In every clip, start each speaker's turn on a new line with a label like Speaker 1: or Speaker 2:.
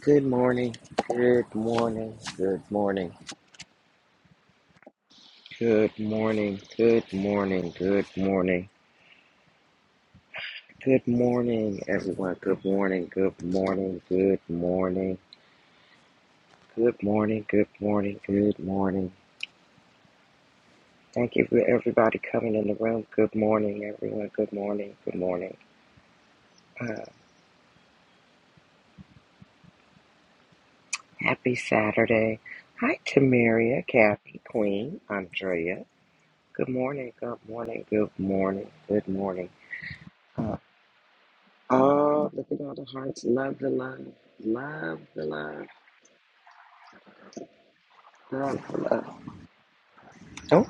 Speaker 1: Good morning, good morning, good morning, good morning, good morning, good morning, good morning, everyone. Good morning, good morning, good morning, good morning, good morning, good morning. Thank you for everybody coming in the room. Good morning, everyone. Good morning, good morning. Uh, happy Saturday. Hi, Tamaria, Kathy, Queen, Andrea. Good morning, good morning, good morning, good morning. Uh, Oh, look at all the hearts. Love the love. Love the love. Love the love. Oh,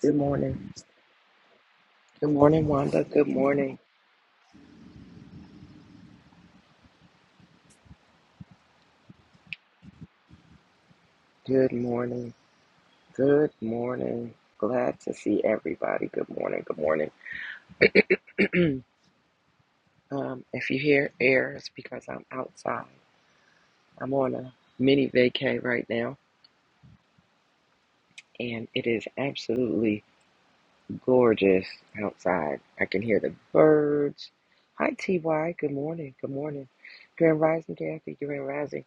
Speaker 1: good morning. Good morning, Wanda. Good morning. Good morning. Good morning. Glad to see everybody. Good morning. Good morning. um, if you hear air, it's because I'm outside. I'm on a mini vacay right now, and it is absolutely Gorgeous outside. I can hear the birds. Hi, TY. Good morning. Good morning. Grand Rising, Kathy. Grand Rising.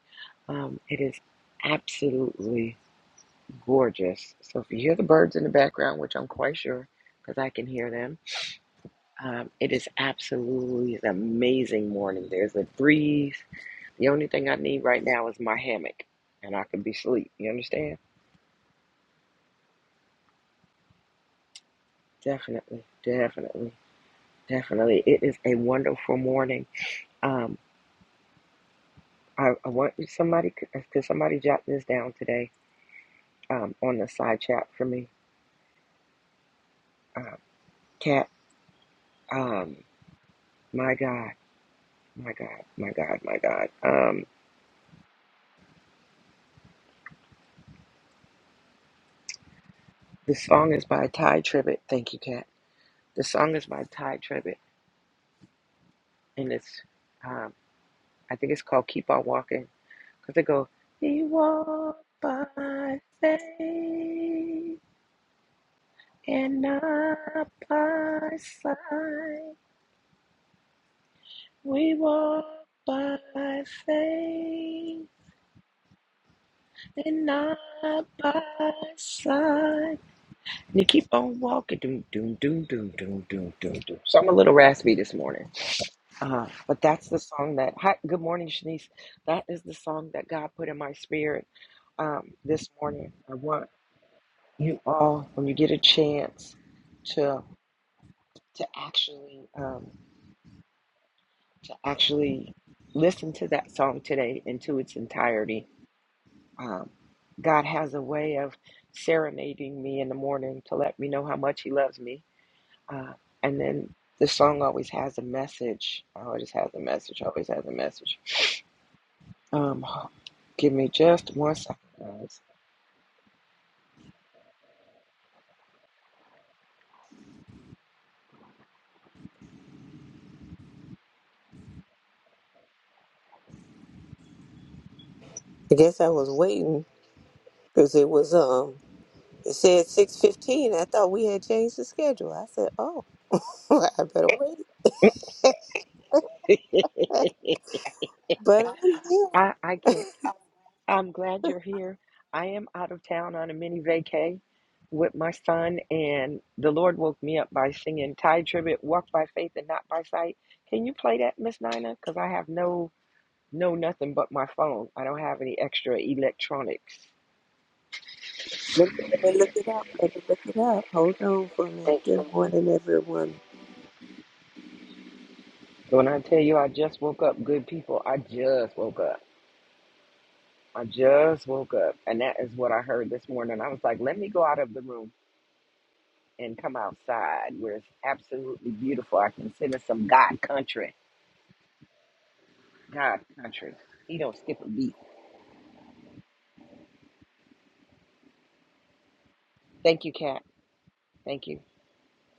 Speaker 1: Um, it is absolutely gorgeous. So if you hear the birds in the background, which I'm quite sure because I can hear them, um, it is absolutely an amazing morning. There's a breeze. The only thing I need right now is my hammock, and I can be asleep. You understand? Definitely, definitely, definitely. It is a wonderful morning. Um. I, I want somebody could somebody jot this down today um, on the side chat for me. Uh, Cat, um, my God, my God, my God, my God. Um, the song is by Ty Tribbett. Thank you, Cat. The song is by Ty Tribbett, and it's um, I think it's called "Keep On Walking" because they go, we walk by faith and not by sight. We walk by faith." And not by side. And you keep on walking. Doom, doom, doom, doom, doom, doom, doom, doom. So I'm a little raspy this morning. Uh, but that's the song that, hi, good morning, Shanice. That is the song that God put in my spirit um, this morning. I want you all, when you get a chance, to to actually um, to actually listen to that song today into its entirety Um, God has a way of serenading me in the morning to let me know how much He loves me. Uh, and then the song always has a message. Always has a message. Always has a message. Um, give me just one second, guys.
Speaker 2: I guess I was waiting because it was um it said six fifteen. I thought we had changed the schedule. I said, Oh, I better wait. But I'm here.
Speaker 1: I I can't. I'm glad you're here. I am out of town on a mini vacay with my son, and the Lord woke me up by singing Ty Tribbett, "Walk by Faith and Not by Sight." Can you play that, Miss Nina? Because I have no No, nothing but my phone. I don't have any extra electronics.
Speaker 2: Let me, let me look it up. Let me look it up. Hold on for me.
Speaker 1: Thank you.
Speaker 2: Good morning, everyone.
Speaker 1: When I tell you I just woke up, good people, I just woke up. I just woke up. And that is what I heard this morning. I was like, let me go out of the room and come outside where it's absolutely beautiful. I can sit in some God country. God country. He don't skip a beat. Thank you, Kat. Thank you.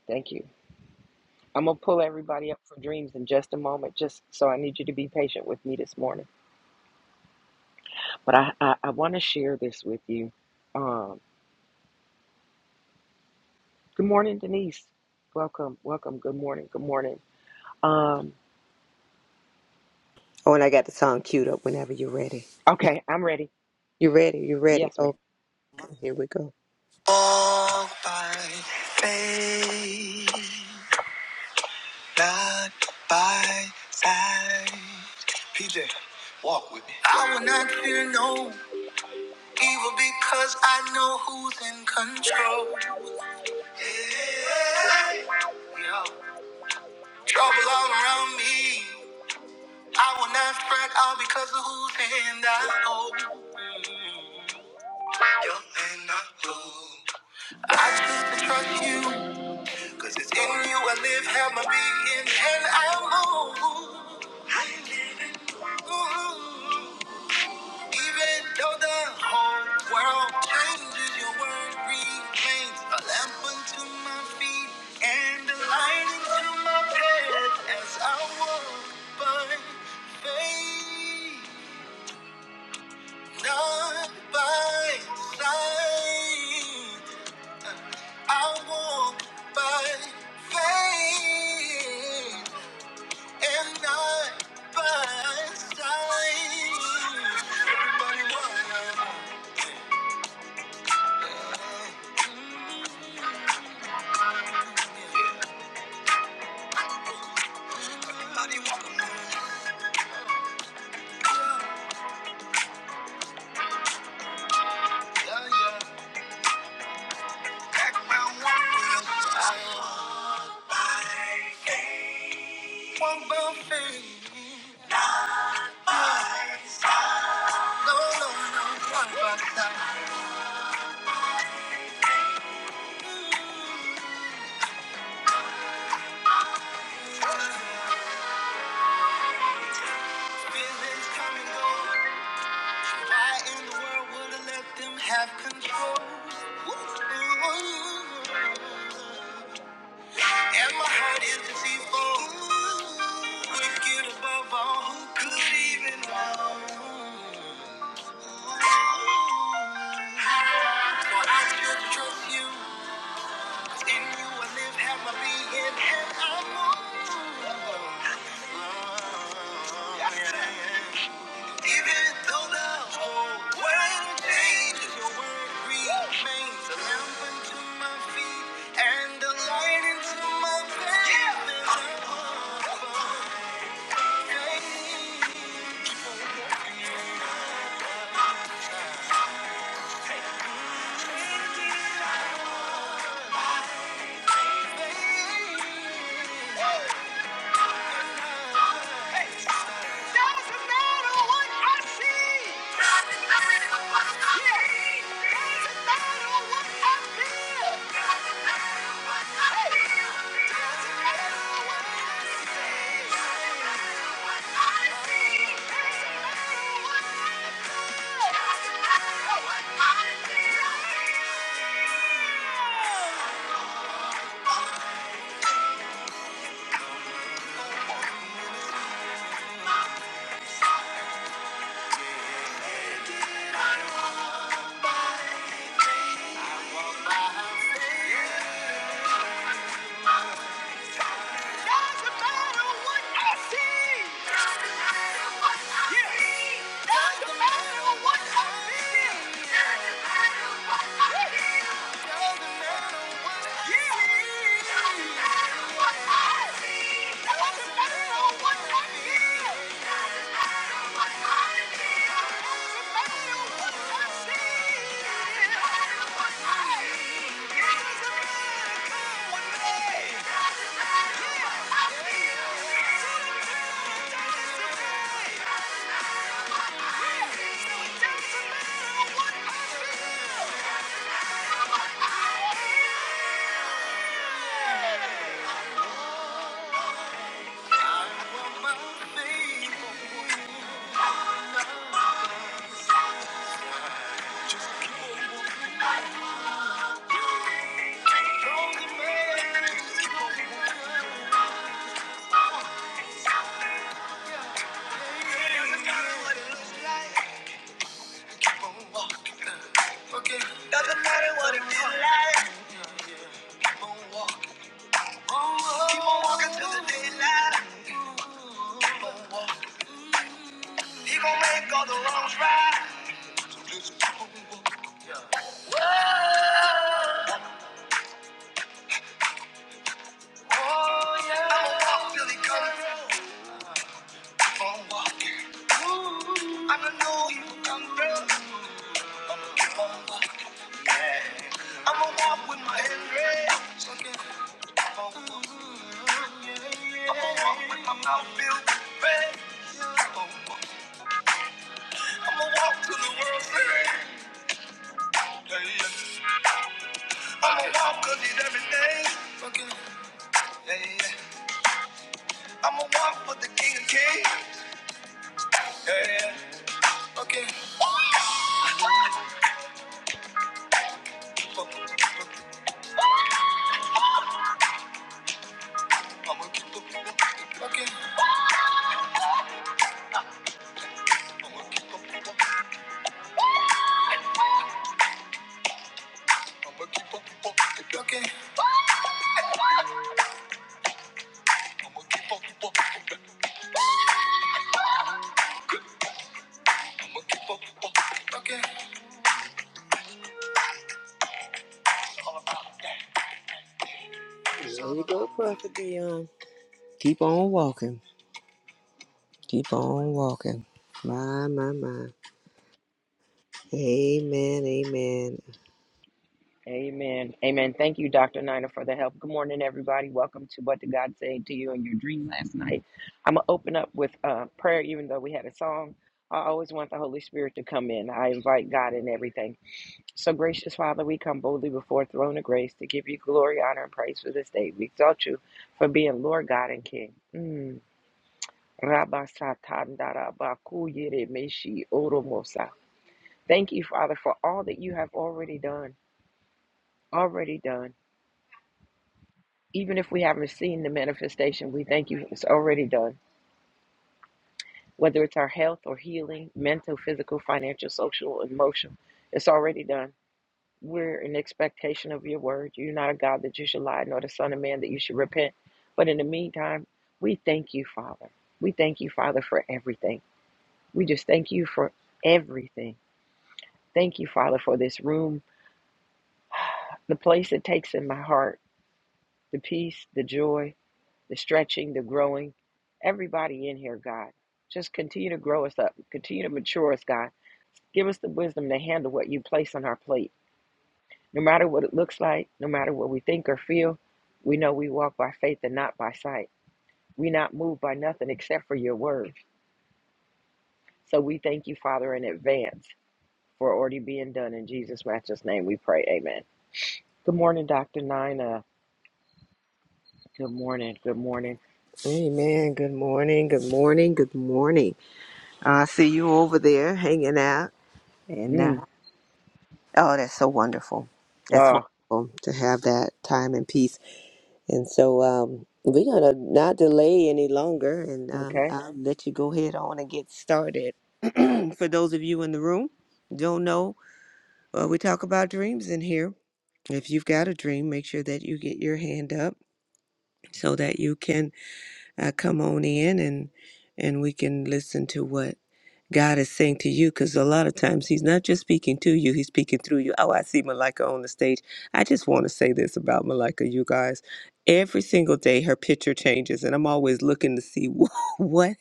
Speaker 1: Thank you. I'm going to pull everybody up for dreams in just a moment, just so I need you to be patient with me this morning. But I, I, I want to share this with you. Um, good morning, Denise. Welcome, welcome. Good morning, good morning. Um,
Speaker 2: Oh, and I got the song queued up whenever you're ready.
Speaker 1: okay, I'm ready.
Speaker 2: You ready? You ready?
Speaker 1: Yes, ma'am.
Speaker 2: Okay, here we go. Walk by faith, not by sight. PJ, walk with me. I will not fear no Evil because I know who's in control. Yeah. Trouble all around me. I will not fret all because of whose hand I hold. Mm. Your hand I hold. I choose to trust you. Cause it's in you I live, have my being, and I move. I live in you. Mm-hmm. Even though the whole world changes, your word remains a lamp unto my feet and a light into my path as I walk by faith, not by sight. I walk by faith and not by sight. Everybody walk, everybody walk. Have control. Ooh, ooh, ooh. And my heart is deceitful. Ooh, wicked above all, who could even know? Ooh. For I still trust you. In you I live, have my being, and I move. Even though the whole world changes, your word remains. The lamp unto my feet and the light into my path. Yeah. Doesn't matter what I see. Doesn't matter what I hear. Doesn't matter what I feel. Doesn't matter what I feel. Doesn't matter what I see. Doesn't matter what I see. Doesn't matter what I feel. Doesn't matter what I feel. Doesn't matter what I see. Doesn't matter what I yeah. see. Doesn't matter what I feel. Doesn't matter what I Yeah. feel. Doesn't matter what I yeah. see. Doesn't matter what I see. Doesn't I want my faith. Doesn't matter. Doesn't matter what it feels like. Keep on walking Keep on walking till the daylight. He gon' make all the wrongs right. Oh yeah. I'ma walk till he comes through. Keep on walking. I know he will come through. I'ma keep on walking. Yeah. I'ma walk with my head raised. I'ma walk. I'ma walk with my mouth filled with praise. I'ma walk till the world ends. Hey, yeah. I'ma walk 'cause he's everything. Okay. Hey, yeah. I'ma walk for the king of kings. Hey, yeah. Okay. Keep up, keep up. I'ma keep up, keep up. Okay. I'ma keep up, keep up. I'ma keep up, keep up. Okay. I'ma keep up, keep up. I'ma keep up, keep up. Okay. All about that. There you go, Prophet Dion. Keep on walking. Keep on walking. My, my, my. Amen, amen.
Speaker 1: Amen. Amen. Thank you, Dr. Nina, for the help. Good morning, everybody. Welcome to What Did God Say to You in Your Dream Last Night. I'm going to open up with uh, prayer, even though we had a song. I always want the Holy Spirit to come in. I invite God in everything. So, gracious Father, we come boldly before the throne of grace to give you glory, honor, and praise for this day. We exalt you for being Lord God and King. Mm. Rabba satan dara ba meshi oro Thank you, Father, for all that you have already done. Already done. Even if we haven't seen the manifestation, we thank you. It's already done. Whether it's our health or healing, mental, physical, financial, social, emotional, it's already done. We're in expectation of your word. You're not a God that you should lie, nor the Son of Man that you should repent. But in the meantime, we thank you, Father. We thank you, Father, for everything. We just thank you for everything. Thank you, Father, for this room, the place it takes in my heart, the peace, the joy, the stretching, the growing. Everybody in here, God, just continue to grow us up, continue to mature us, God. Give us the wisdom to handle what you place on our plate. No matter what it looks like, no matter what we think or feel, we know we walk by faith and not by sight. We're not moved by nothing except for your word. So we thank you, Father, in advance for already being done. In Jesus' matchless name we pray. Amen. Good morning, Dr. Nina. Good morning. Good morning.
Speaker 2: Amen. Good morning. Good morning. Good morning. I see you over there hanging out. And uh,
Speaker 1: Mm,
Speaker 2: oh, that's so wonderful. That's
Speaker 1: oh,
Speaker 2: wonderful to have that time and peace. And so um, we're going to not delay any longer. And um,
Speaker 1: okay.
Speaker 2: I'll let you go ahead on and get started. For those of you in the room, don't know, uh, we talk about dreams in here. If you've got a dream, make sure that you get your hand up so that you can uh, come on in and and we can listen to what God is saying to you because a lot of times He's not just speaking to you, He's speaking through you. Oh, I see Malika on the stage. I just want to say this about Malika, you guys. Every single day her picture changes, and I'm always looking to see what what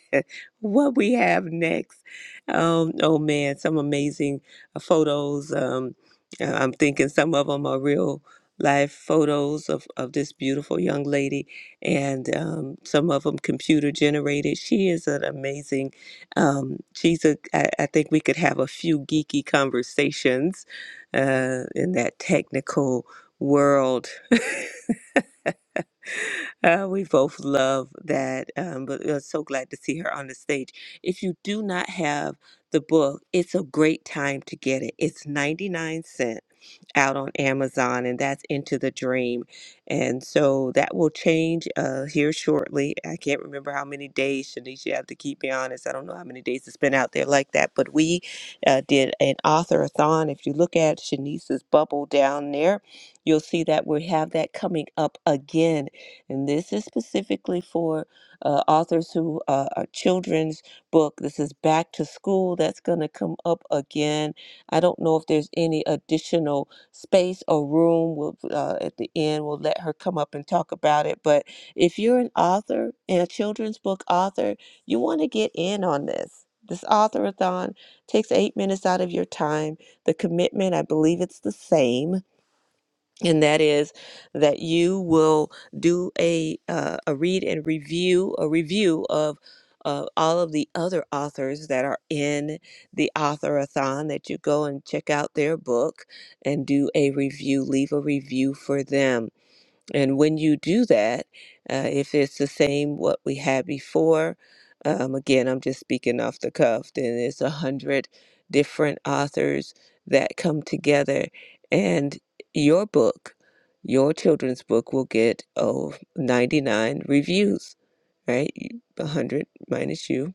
Speaker 2: what we have next. Um, oh man, some amazing uh, photos. Um, uh, I'm thinking some of them are real life photos of, of this beautiful young lady and um, some of them computer generated. She is an amazing. Um, she's a. I, I think we could have a few geeky conversations uh, in that technical world. uh, we both love that, um, but we're so glad to see her on the stage. If you do not have the book, it's a great time to get it. It's 99 cents out on Amazon, and that's Into the Dream. And so that will change uh, here shortly. I can't remember how many days, Shanice, you have to keep me honest. I don't know how many days it's been out there like that, but we uh, did an author-a-thon. If you look at Shanice's bubble down there, you'll see that we have that coming up again. And this is specifically for uh, authors who uh, are children's book. This is back to school. That's going to come up again. I don't know if there's any additional space or room. We'll, uh, at the end, we'll let her come up and talk about it. But if you're an author and a children's book author, you want to get in on this. This authorathon takes eight minutes out of your time. The commitment, I believe it's the same and that is that you will do a uh, a read and review a review of uh, all of the other authors that are in the authorathon that you go and check out their book and do a review leave a review for them and when you do that, uh, if it's the same what we had before, um, again, I'm just speaking off the cuff, then it's a hundred different authors that come together, and your book, your children's book, will get oh 99 reviews, right? You- 100 minus you.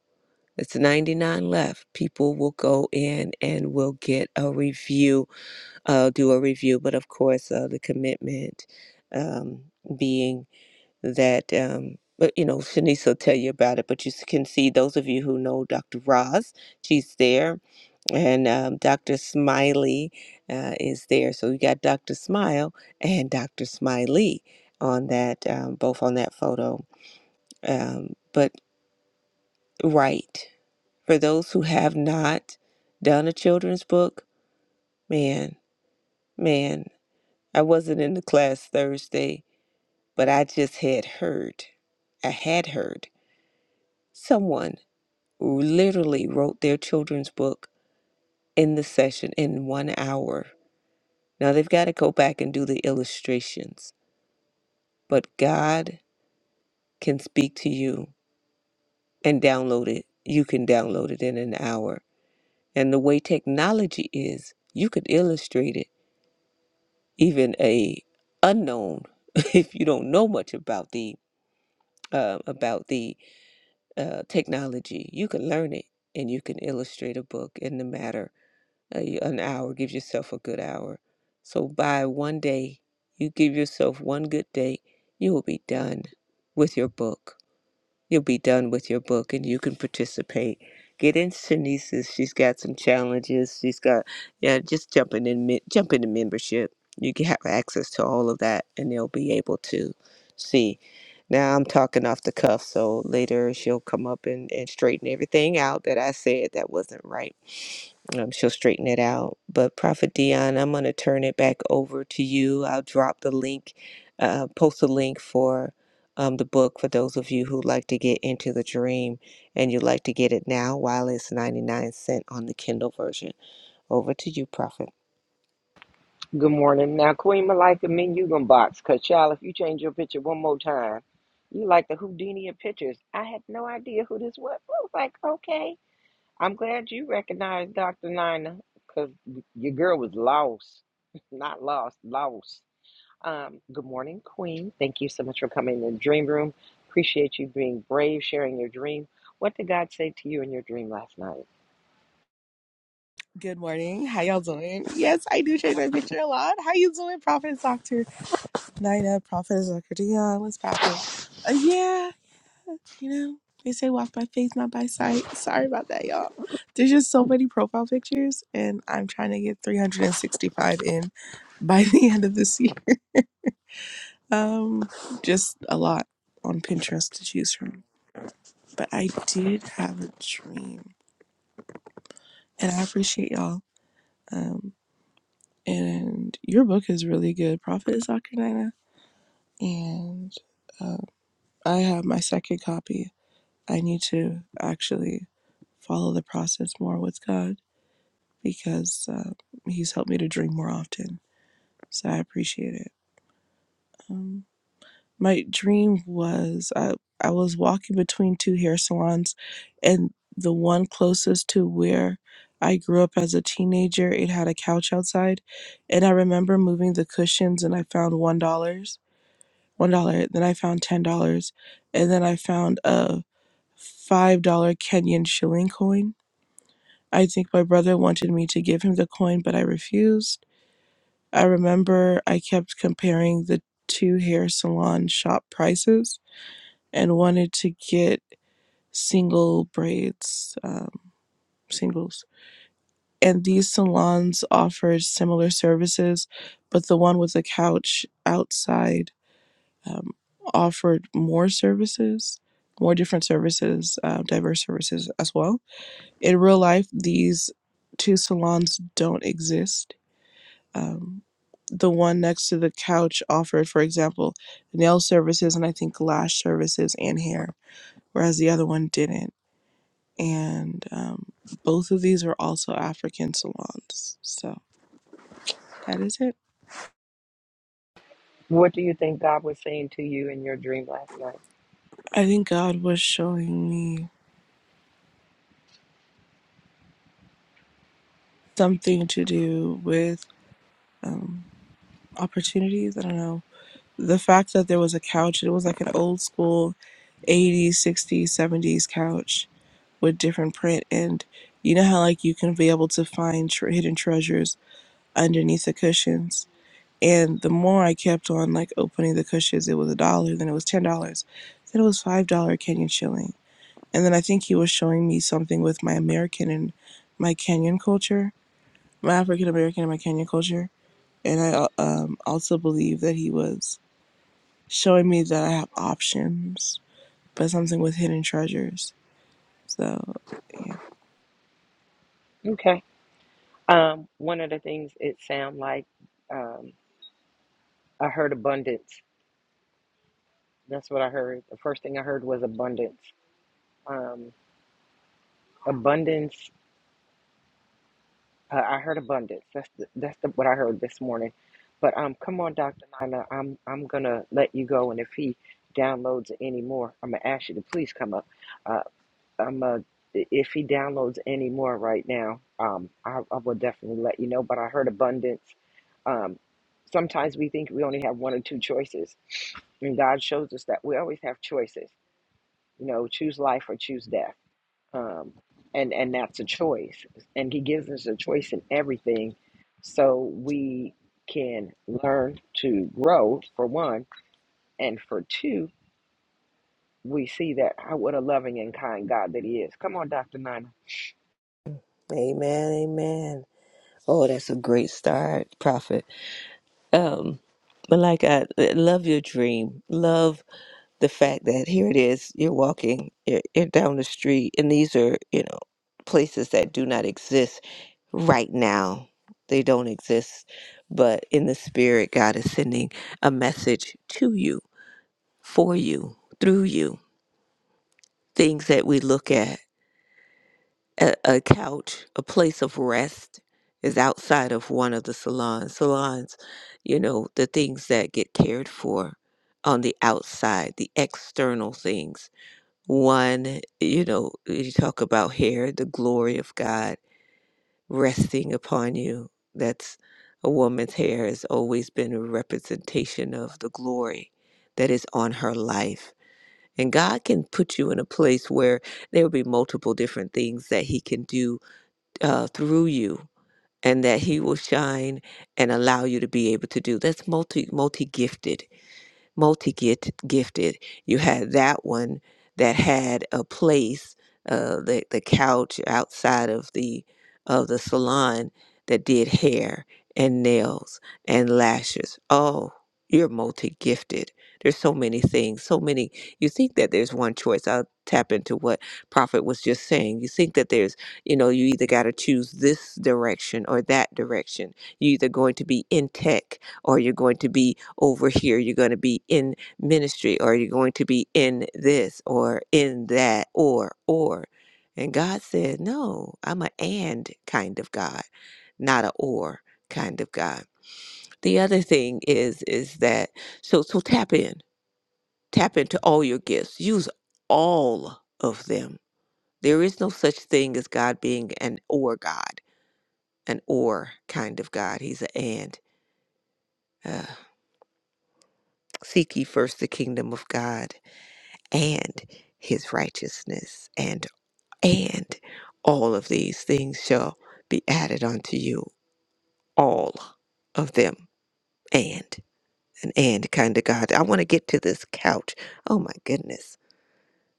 Speaker 2: It's 99 left. People will go in and will get a review uh, do a review, but of course, uh, the commitment um, being that, um, but you know, Shanice will tell you about it. But you s- can see those of you who know Dr. Roz, she's there, and um, Dr. Smiley uh, is there. So we got Dr. Smile and Dr. Smiley on that, um, both on that photo. Um, but right, for those who have not done a children's book, man, man, I wasn't in the class Thursday but I just had heard, I had heard someone who literally wrote their children's book in the session in one hour. Now they've got to go back and do the illustrations, but God can speak to you and download it. You can download it in an hour. And the way technology is, you could illustrate it, even a unknown, if you don't know much about the uh, about the uh, technology. You can learn it and you can illustrate a book in the matter uh, an hour. Give yourself a good hour. So by one day, you give yourself one good day, you will be done with your book You'll be done with your book and you can participate. Get into Shanice's. She's got some challenges. She's got, yeah, just jump in and, me- jump into membership. You can have access to all of that and they'll be able to see. Now I'm talking off the cuff, so later she'll come up and, and straighten everything out that I said that wasn't right um, she'll straighten it out. But Prophet Dion, I'm going to turn it back over to you. I'll drop the link, uh, post a link for um, the book for those of you who like to get into the dream and you'd like to get it now while it's 99 cent on the Kindle version. Over to you, Prophet.
Speaker 1: Good morning. Now, Queen Malika, me and you gonna box. Because, child, if you change your picture one more time, you like the Houdini of pictures. I had no idea who this was. I was like, okay. I'm glad you recognized Dr. Nina because your girl was lost. Not lost, lost. Um, good morning, Queen. Thank you so much for coming in the dream room. Appreciate you being brave, sharing your dream. What did God say to you in your dream last night?
Speaker 3: Good morning. How y'all doing? Yes, I do change my picture a lot. How you doing, Prophet Doctor Nina, Prophet Doctor Dion? What's poppin'? Uh, yeah, you know they say walk by faith, not by sight. Sorry about that, y'all. There's just so many profile pictures, and I'm trying to get 365 in by the end of this year. Um, just a lot on Pinterest to choose from. But I did have a dream, and I appreciate y'all. Um, and your book is really good, Prophet Doctor and uh, I have my second copy. I need to actually follow the process more with God because uh, He's helped me to dream more often. So I appreciate it. Um, my dream was I, I was walking between two hair salons, and the one closest to where I grew up as a teenager, it had a couch outside. And I remember moving the cushions, and I found $1. one dollar. Then I found ten dollars, and then I found a five dollar Kenyan shilling coin. I think my brother wanted me to give him the coin, but I refused. I remember I kept comparing the two hair salon shop prices and wanted to get single braids, um, singles. And these salons offered similar services, but the one with the couch outside um, offered more services, more different services, uh, diverse services as well. In real life, these two salons don't exist. Um, the one next to the couch offered, for example, nail services and I think lash services and hair, whereas the other one didn't. And um, both of these are also African salons. So that is it.
Speaker 1: What do you think God was saying to you in your dream last night?
Speaker 3: I think God was showing me something to do with. um, opportunities. I don't know. The fact that there was a couch, it was like an old school 80s, 60s, 70s couch with different print. And you know how, like, you can be able to find tre- hidden treasures underneath the cushions. And the more I kept on, like, opening the cushions, it was a dollar, then it was $10, then it was $5 Kenyan shilling. And then I think he was showing me something with my American and my Kenyan culture, my African American and my Kenyan culture. And I uh, um, also believe that he was showing me that I have options, but something with hidden treasures. So, yeah.
Speaker 1: Okay. Um, one of the things it sounded like um, I heard abundance. That's what I heard. The first thing I heard was abundance. Um, abundance Uh, I heard abundance. That's the, that's the, what I heard this morning. But um, come on, Dr. Nina, I'm I'm gonna let you go, and if he downloads any more, I'm gonna ask you to please come up. Uh, I'm uh, if he downloads any more right now, um, I, I will definitely let you know. But I heard abundance. Um, sometimes we think we only have one or two choices, and God shows us that we always have choices. You know, choose life or choose death um, and and that's a choice and he gives us a choice in everything so we can learn to grow for one and for two we see that how what a loving and kind god that he is come on dr nina
Speaker 2: Amen, amen. Oh, that's a great start, Prophet. Um, but like I I love your dream. Love the fact that here it is you're walking you're, you're down the street and these are you know places that do not exist right now they don't exist but in the spirit god is sending a message to you for you through you things that we look at a, a couch a place of rest is outside of one of the salons salons you know the things that get cared for on the outside the external things One, you know, you talk about hair, the glory of God resting upon you. That's a woman's hair has always been a representation of the glory that is on her life. And God can put you in a place where there will be multiple different things that He can do uh, through you and that He will shine and allow you to be able to do. That's multi multi gifted multi gifted. You had that one that had a place, uh, the the couch outside of the of the salon that did hair and nails and lashes. Oh, you're multi gifted. There's so many things, so many. You think that there's one choice. I'll tap into what Prophet was just saying. You think that there's, you know, you either got to choose this direction or that direction. You're either going to be in tech or you're going to be over here, you're going to be in ministry, or you're going to be in this, or in that, or, or. And God said, No, I'm a and kind of God, not a or kind of God. The other thing is, is that, so, so tap in, tap into all your gifts, use all of them. There is no such thing as God being an or God, an or kind of God. He's an and. Uh, seek ye first the kingdom of God and his righteousness and and all of these things shall be added unto you all of them and an and kind of god i want to get to this couch oh my goodness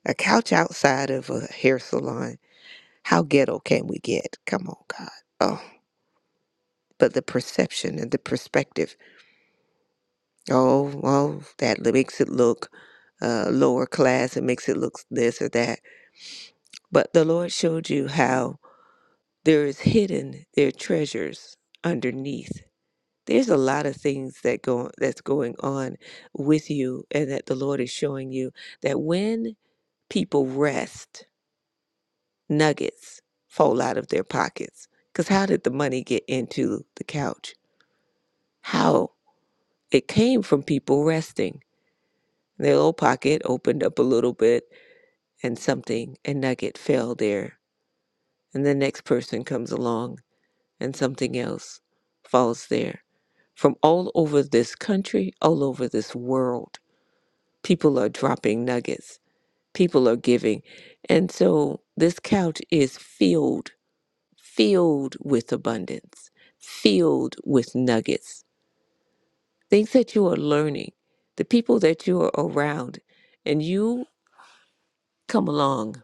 Speaker 2: a couch outside of a hair salon how ghetto can we get come on god oh but the perception and the perspective oh oh that li- makes it look uh, lower class it makes it look this or that but the lord showed you how there is hidden their treasures underneath there's a lot of things that go that's going on with you and that the lord is showing you that when people rest nuggets fall out of their pockets because how did the money get into the couch how it came from people resting their little pocket opened up a little bit and something a nugget fell there and the next person comes along and something else falls there. From all over this country, all over this world, people are dropping nuggets, people are giving. And so this couch is filled, filled with abundance, filled with nuggets, things that you are learning, the people that you are around, and you come along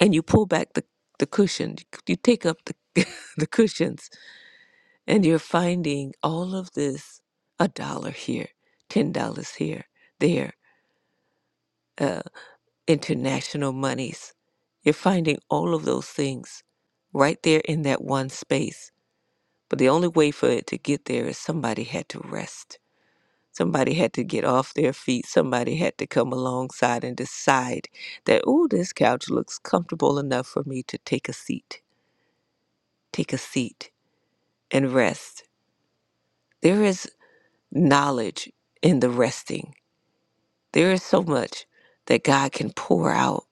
Speaker 2: and you pull back the, the cushion, you take up the, the cushions And you're finding all of this a dollar here, $10 here, there, uh, international monies. You're finding all of those things right there in that one space. But the only way for it to get there is somebody had to rest. Somebody had to get off their feet. Somebody had to come alongside and decide that, oh, this couch looks comfortable enough for me to take a seat, take a seat and rest. There is knowledge in the resting There is so much that God can pour out,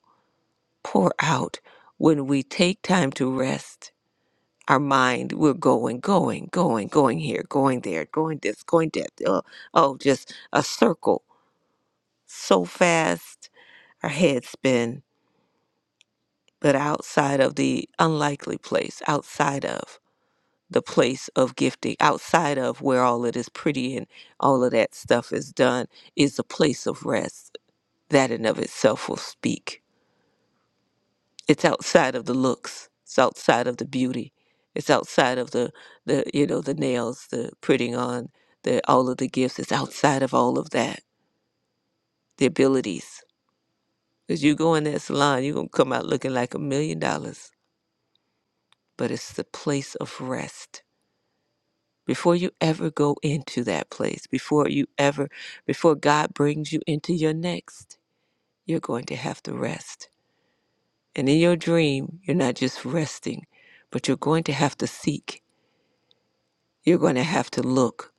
Speaker 2: pour out when we take time to rest. Our mind, we're going, going, going, going here, going there, going this, going that. Oh, oh, just a circle so fast. Our heads spin, but outside of the unlikely place, outside of the place of gifting, outside of where all of this pretty and all of that stuff is done, is a place of rest. That in of itself will speak it's outside of the looks it's outside of the beauty it's outside of the the you know the nails the putting on the all of the gifts it's outside of all of that the abilities because you go in that salon you're going to come out looking like a million dollars but it's the place of rest before you ever go into that place before you ever before god brings you into your next you're going to have to rest and in your dream you're not just resting but you're going to have to seek You're going to have to look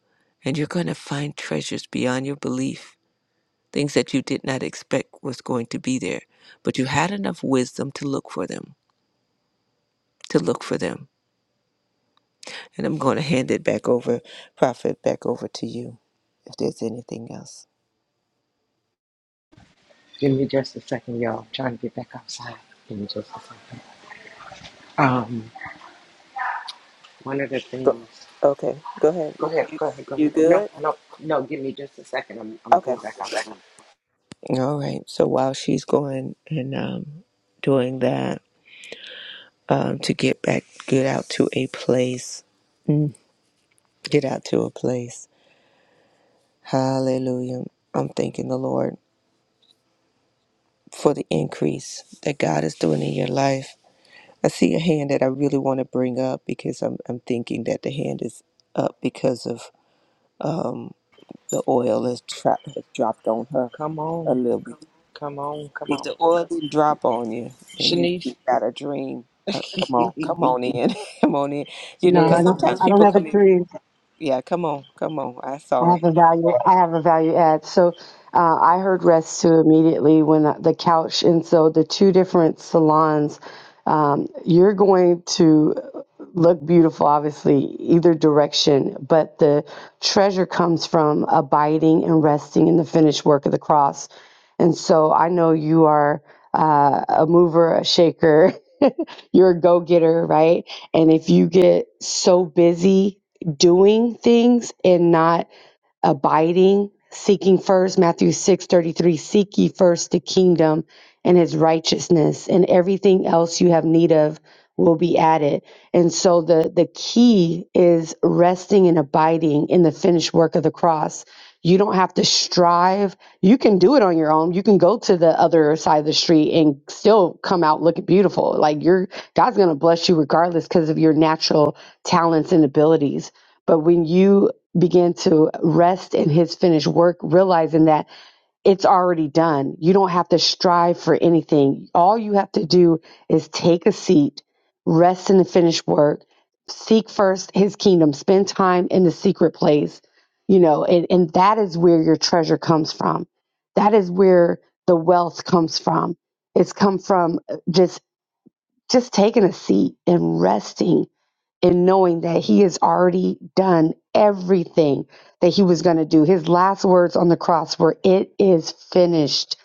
Speaker 2: and you're going to find treasures beyond your belief, things that you did not expect was going to be there. But you had enough wisdom to look for them, to look for them. And I'm going to hand it back over, Prophet, back over to you if there's anything else.
Speaker 1: give me just a second y'all I'm trying to get back outside give me just a second um one of the things
Speaker 2: Go- Okay, go ahead.
Speaker 1: go ahead go ahead go
Speaker 2: You
Speaker 1: ahead no
Speaker 2: good?
Speaker 1: no no give me just a second i'm, I'm
Speaker 2: Okay.
Speaker 1: going back outside
Speaker 2: All right. So while she's going and um, doing that, um, to get back, get out to a place, Mm. get out to a place. Hallelujah. I'm thanking the Lord for the increase that God is doing in your life. I see a hand that I really want to bring up because I'm, I'm thinking that the hand is up because of um, the oil has, tra- has dropped on her
Speaker 1: come
Speaker 2: a
Speaker 1: on
Speaker 2: little bit.
Speaker 1: come on come
Speaker 2: If
Speaker 1: on
Speaker 2: the oil didn't drop on you and you
Speaker 1: shanice
Speaker 2: you got a dream, uh, come on, come on in, come on in. You know,
Speaker 4: No,
Speaker 1: yeah
Speaker 4: I
Speaker 2: because
Speaker 4: don't.
Speaker 2: sometimes
Speaker 4: I don't
Speaker 2: people
Speaker 4: have a
Speaker 2: come in.
Speaker 4: dream.
Speaker 2: Yeah, come on, come on. I
Speaker 4: I
Speaker 2: saw it.
Speaker 4: have a value. I have a value add. So uh, I heard rest too immediately when I- the couch, and so the two different salons. Um, you're going to look beautiful, obviously, either direction. But the treasure comes from abiding and resting in the finished work of the cross. And so I know you are uh, a mover, a shaker. you're a go getter, right? And if you get so busy doing things and not abiding, seeking first, Matthew six thirty three. seek ye first the kingdom and his righteousness, and everything else you have need of will be added. And so the, the key is resting and abiding in the finished work of the cross. You don't have to strive. You can do it on your own. You can go to the other side of the street and still come out looking beautiful. Like you're God's gonna bless you regardless because of your natural talents and abilities. But when you began to rest in his finished work, realizing that it's already done. You don't have to strive for anything. All you have to do is take a seat, rest in the finished work, seek first his kingdom, spend time in the secret place, you know, and, and that is where your treasure comes from. That is where the wealth comes from. It's come from just just taking a seat and resting and knowing that he has already done everything that he was going to do. His last words on the cross were, It is finished.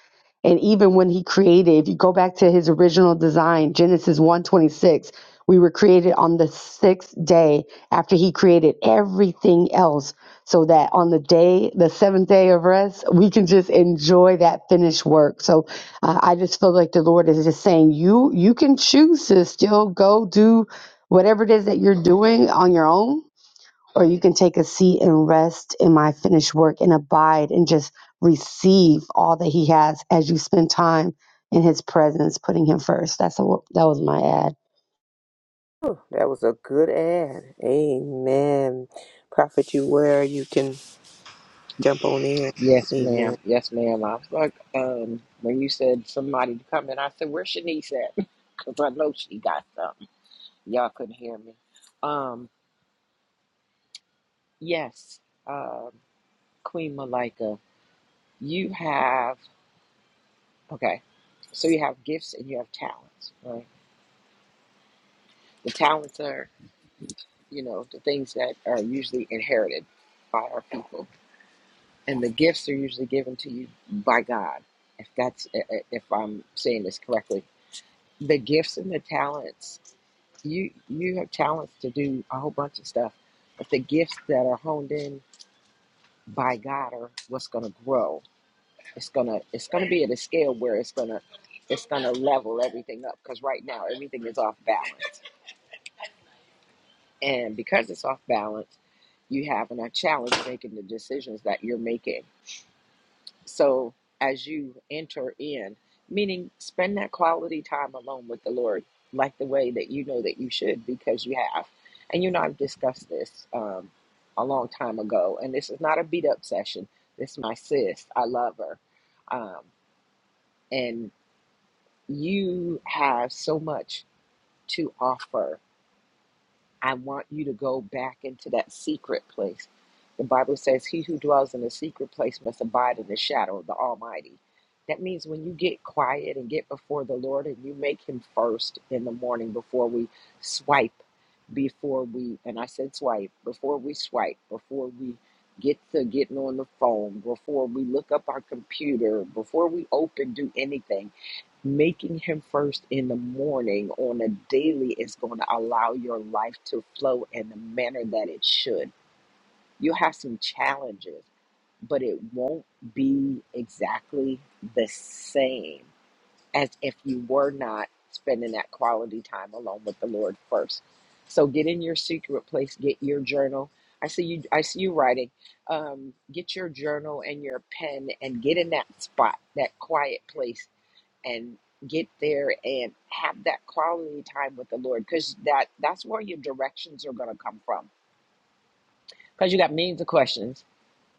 Speaker 4: And even when he created, if you go back to his original design, Genesis one twenty six. we were created on the sixth day after he created everything else, so that on the day, the seventh day of rest, we can just enjoy that finished work. So uh, I just feel like the Lord is just saying, you you can choose to still go do whatever it is that you're doing on your own, or you can take a seat and rest in my finished work and abide and just receive all that He has as you spend time in His presence, putting Him first. That's a, that was my ad.
Speaker 2: Whew, That was a good ad. Amen. Prophet, you where you can jump on in.
Speaker 1: Yes,
Speaker 2: Amen.
Speaker 1: ma'am. Yes, ma'am. I was like, um, when you said somebody to come in, I said, where's Shanice at? Because I know she got something. Y'all couldn't hear me. Um, yes, um, Queen Malika, you have, okay, so you have gifts and you have talents, right? The talents are, you know, the things that are usually inherited by our people. And the gifts are usually given to you by God, if that's, i- i- if I'm saying this correctly the gifts and the talents you you have talents to do a whole bunch of stuff but the gifts that are honed in by god are what's going to grow it's going to it's going to be at a scale where it's going to it's going to level everything up because right now everything is off balance and because it's off balance you having a challenge making the decisions that you're making So as you enter in, meaning spend that quality time alone with the Lord, like the way that you know that you should, because you have. And you know, I've discussed this um, a long time ago, and this is not a beat up session. This is my sis. I love her. Um, and you have so much to offer I want you to go back into that secret place. The Bible says, He who dwells in the secret place must abide in the shadow of the Almighty. That means when you get quiet and get before the Lord and you make Him first in the morning before we swipe, before we, and I said swipe, before we swipe, before we get to getting on the phone, before we look up our computer, before we open, do anything making him first in the morning on a daily is going to allow your life to flow in the manner that it should. You'll have some challenges, but it won't be exactly the same as if you were not spending that quality time alone with the Lord first. So get in your secret place, get your journal. I see you I see you writing. Um, get your journal and your pen and get in that spot, that quiet place and get there and have that quality time with the Lord because that that's where your directions are going to come from because you got millions of questions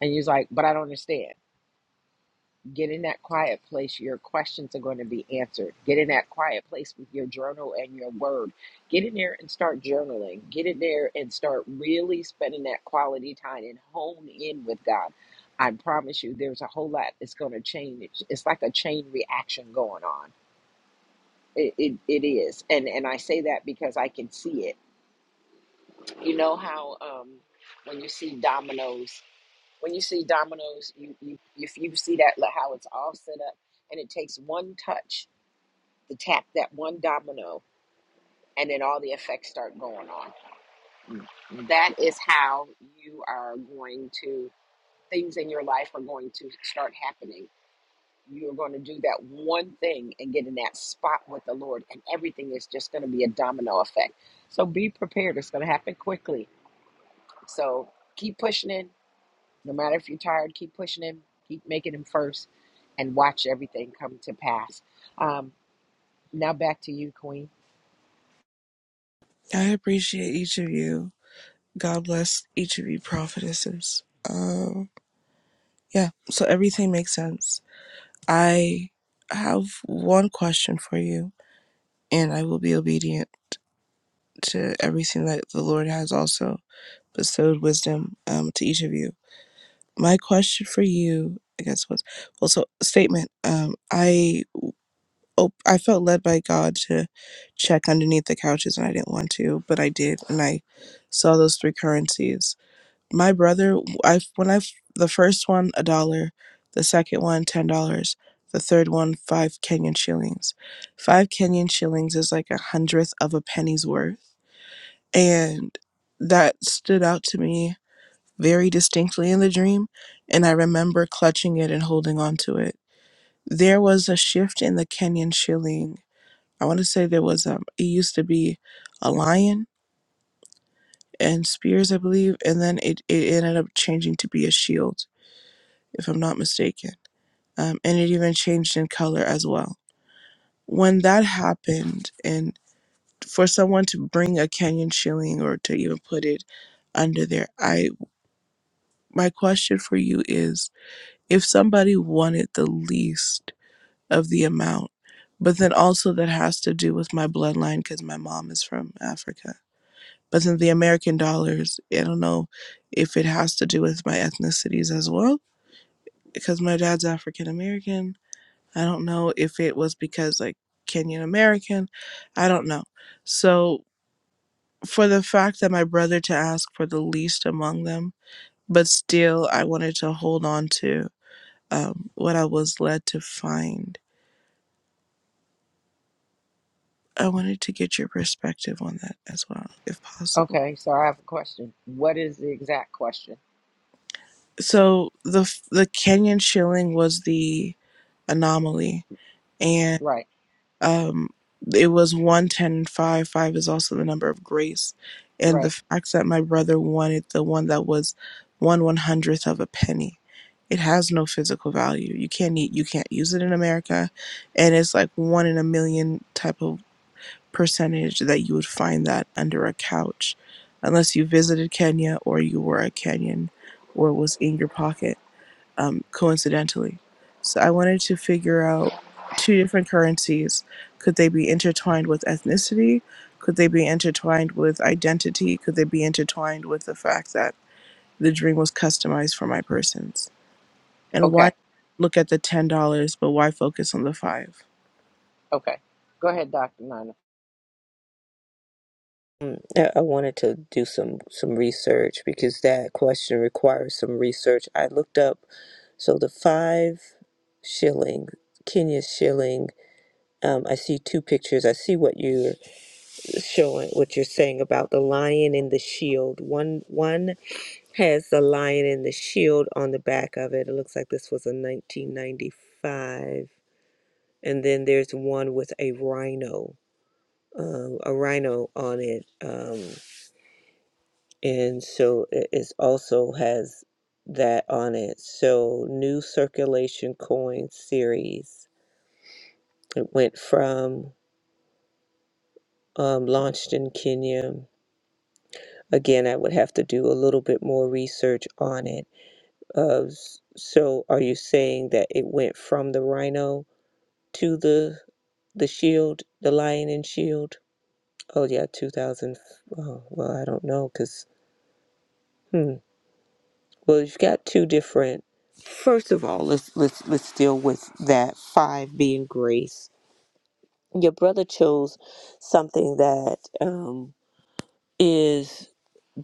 Speaker 1: and you're like but I don't understand get in that quiet place your questions are going to be answered get in that quiet place with your journal and your word get in there and start journaling get in there and start really spending that quality time and hone in with God I promise you there's a whole lot that's going to change it's like a chain reaction going on It, it, it is. And and I say that because I can see it. You know how um when you see dominoes, when you see dominoes, you you if you see that like how it's all set up and it takes one touch to tap that one domino and then all the effects start going on. That is how you are going to things in your life are going to start happening you're going to do that one thing and get in that spot with the Lord, and everything is just going to be a domino effect. So be prepared. It's going to happen quickly. So keep pushing in. No matter if you're tired, keep pushing in, Keep making him first and watch everything come to pass. Um, now back to you, Queen.
Speaker 3: I appreciate each of you. God bless each of you prophetesses. Um, yeah, so everything makes sense. I have one question for you, and I will be obedient to everything that the Lord has also bestowed wisdom um, to each of you. My question for you, I guess, was well. So statement. Um, I. Oh, I felt led by God to check underneath the couches, and I didn't want to, but I did, and I saw those three currencies. My brother, I when I the first one a dollar, the second one ten dollars, the third one five Kenyan shillings. Five Kenyan shillings is like a hundredth of a penny's worth, and that stood out to me very distinctly in the dream, and I remember clutching it and holding on to it. There was a shift in the Kenyan shilling I want to say there was um it used to be a lion and spears, I believe, and then it, it ended up changing to be a shield, if I'm not mistaken. Um, and it even changed in color as well. When that happened, and for someone to bring a Kenyan shilling or to even put it under there, I my question for you is if somebody wanted the least of the amount, but then also that has to do with my bloodline because my mom is from Africa But then the American dollars, I don't know if it has to do with my ethnicities as well, because my dad's African American. I don't know if it was because like Kenyan American. I don't know. So for the fact that my brother to ask for the least among them, but still I wanted to hold on to um, what I was led to find. I wanted to get your perspective on that as well, if possible.
Speaker 1: Okay, so I have a question. What is the exact question?
Speaker 3: So the the Kenyan shilling was the anomaly and
Speaker 1: Right,
Speaker 3: um, it was one ten and five. Five is also the number of grace, and the
Speaker 1: right.
Speaker 3: fact that my brother wanted the one that was one one hundredth of a penny. It has no physical value. You can't eat, you can't use it in America, and it's like one in a million type of percentage that you would find that under a couch, unless you visited Kenya or you were a Kenyan or it was in your pocket um, coincidentally. So I wanted to figure out two different currencies. Could they be intertwined with ethnicity? Could they be intertwined with identity? Could they be intertwined with the fact that the drink was customized for my persons? And why
Speaker 1: Okay,
Speaker 3: look at the $10, but why focus on the five?
Speaker 1: okay. Go ahead, Dr. Nina.
Speaker 2: Mm, I I wanted to do some some research because that question requires some research. I looked up so the five shilling, Kenya shilling. Um, I see two pictures. I see what you're showing, what you're saying about the lion and the shield. One one has the lion and the shield on the back of it. It looks like this was a 1995. And then there's one with a rhino, um, a rhino on it. Um, and so it is also has that on it. So new circulation coin series. It went from um, launched in Kenya. Again, I would have to do a little bit more research on it. Uh, s- so are you saying that it went from the rhino to the the shield, the lion and shield? Oh yeah, 2000. Oh, well, I don't know because hmm. Well, you've got two different. First of all, let's let's let's deal with that five being grace. Your brother chose something that um, is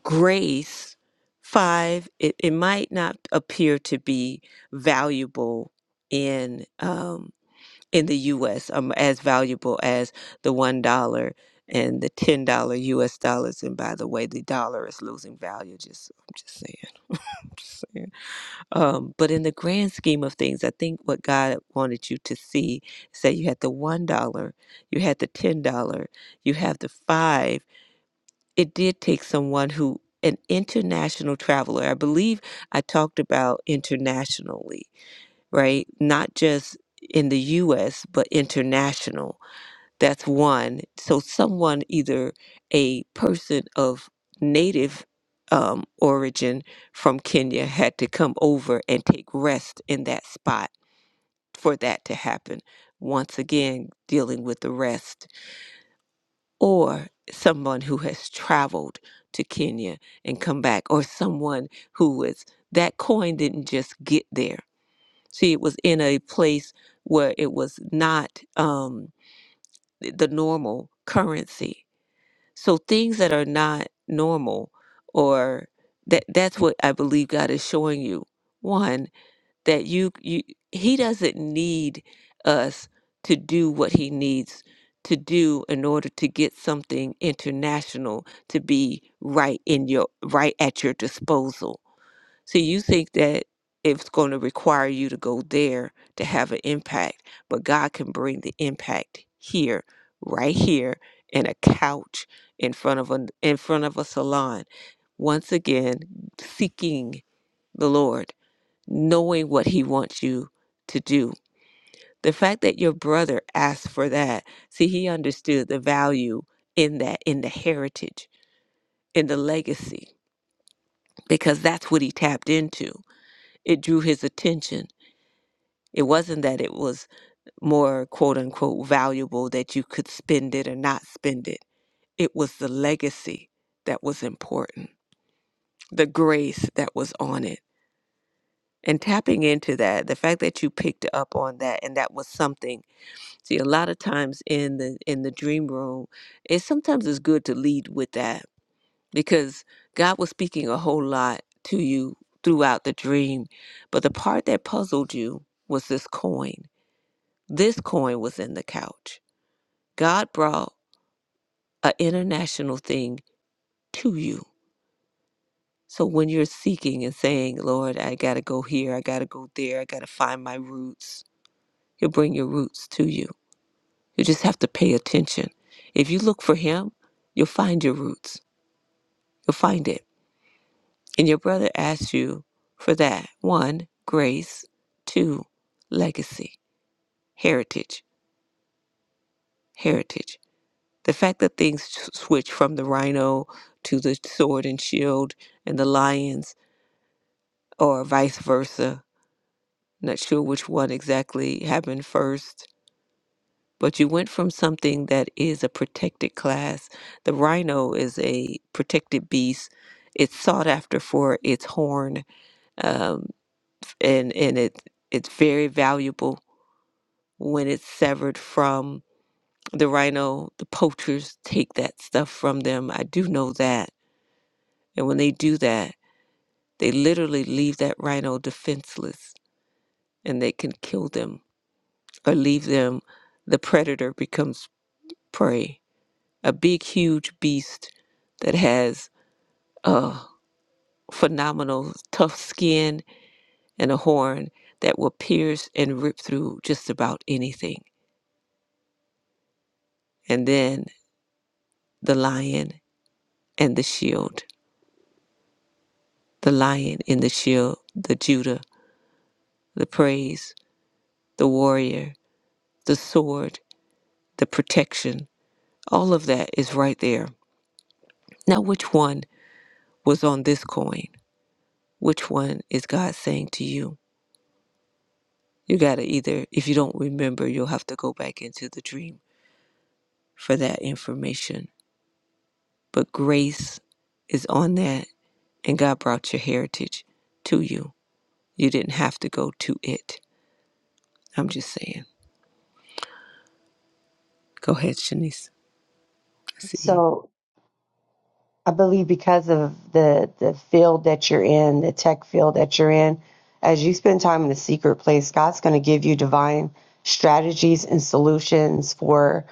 Speaker 2: grace. Five, it, it might not appear to be valuable in. um, in the US um, as valuable as the $1 and the $10 US dollars. And by the way, the dollar is losing value. Just, I'm just saying, I'm just saying. Um, but in the grand scheme of things, I think what God wanted you to see is that you had the $1, you had the $10, you have the five. It did take someone who, an international traveler, I believe I talked about internationally, right? Not just in the US, but international that's one. So someone, either a person of native um, origin from Kenya, had to come over and take rest in that spot for that to happen. Once again, dealing with the rest, or someone who has traveled to Kenya and come back, or someone who was that coin didn't just get there. See, it was in a place where it was not um, the normal currency So things that are not normal or that that's what I believe God is showing you. One, that you you he doesn't need us to do what he needs to do in order to get something international to be right in your right at your disposal so you think that it's going to require you to go there to have an impact, but God can bring the impact here, right here, in a couch in front of a in front of a salon. Once again, seeking the Lord, knowing what He wants you to do. The fact that your brother asked for that, see, he understood the value in that, in the heritage, in the legacy, because that's what he tapped into. It drew his attention It wasn't that it was more quote unquote valuable that you could spend it or not spend it. It was the legacy that was important, the grace that was on it. And tapping into that, the fact that you picked up on that and that was something. See, a lot of times in the in the dream room, it sometimes is good to lead with that because God was speaking a whole lot to you throughout the dream. But the part that puzzled you was this coin. This coin was in the couch God brought an international thing to you. So when you're seeking and saying, Lord, I got to go here, I got to go there, I got to find my roots, He'll bring your roots to you. You just have to pay attention. If you look for Him, you'll find your roots, you'll find it. And your brother asks you for that one, grace, two, legacy, heritage, heritage. The fact that things s- switch from the rhino to the sword and shield and the lions or vice versa. Not sure which one exactly happened first, but you went from something that is a protected class. The rhino is a protected beast. It's sought after for its horn, um, and and it it's very valuable when it's severed from the rhino. The poachers take that stuff from them. I do know that, and when they do that, they literally leave that rhino defenseless, and they can kill them or leave them, the predator becomes prey. A big, huge beast that has a phenomenal, tough skin and a horn that will pierce and rip through just about anything. And then the lion and the shield, the lion in the shield, the Judah, the praise, the warrior, the sword, the protection. All of that is right there. Now, which one was on this coin? Which one is God saying to you? You got to either, if you don't remember, you'll have to go back into the dream for that information. But grace is on that, and God brought your heritage to you. You didn't have to go to it. I'm just saying. Go ahead, Shanice. I see you.
Speaker 4: So I believe because of the the field that you're in, the tech field that you're in, as you spend time in the secret place, God's going to give you divine strategies and solutions for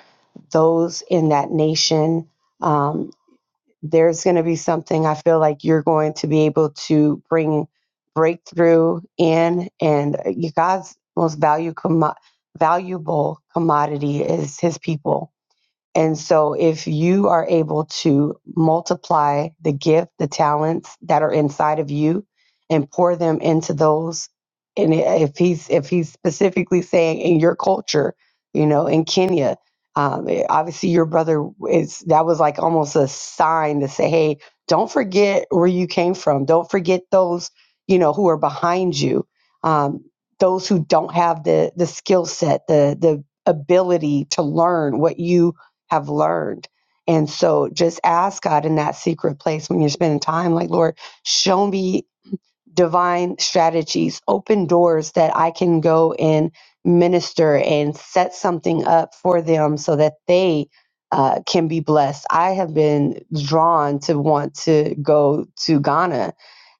Speaker 4: those in that nation. um, there's going to be something I feel like you're going to be able to bring breakthrough in. And God's most value com, valuable commodity is his people and so, if you are able to multiply the gift, the talents that are inside of you, and pour them into those, and if he's if he's specifically saying in your culture, you know, in Kenya, um, eh, obviously your brother is that was like almost a sign to say, hey, don't forget where you came from. Don't forget those you know who are behind you, um, those who don't have the the skill set, the the ability to learn what you have learned. And so just ask God in that secret place when you're spending time, like, Lord, show me divine strategies, open doors that I can go and minister and set something up for them so that they uh, can be blessed. I have been drawn to want to go to Ghana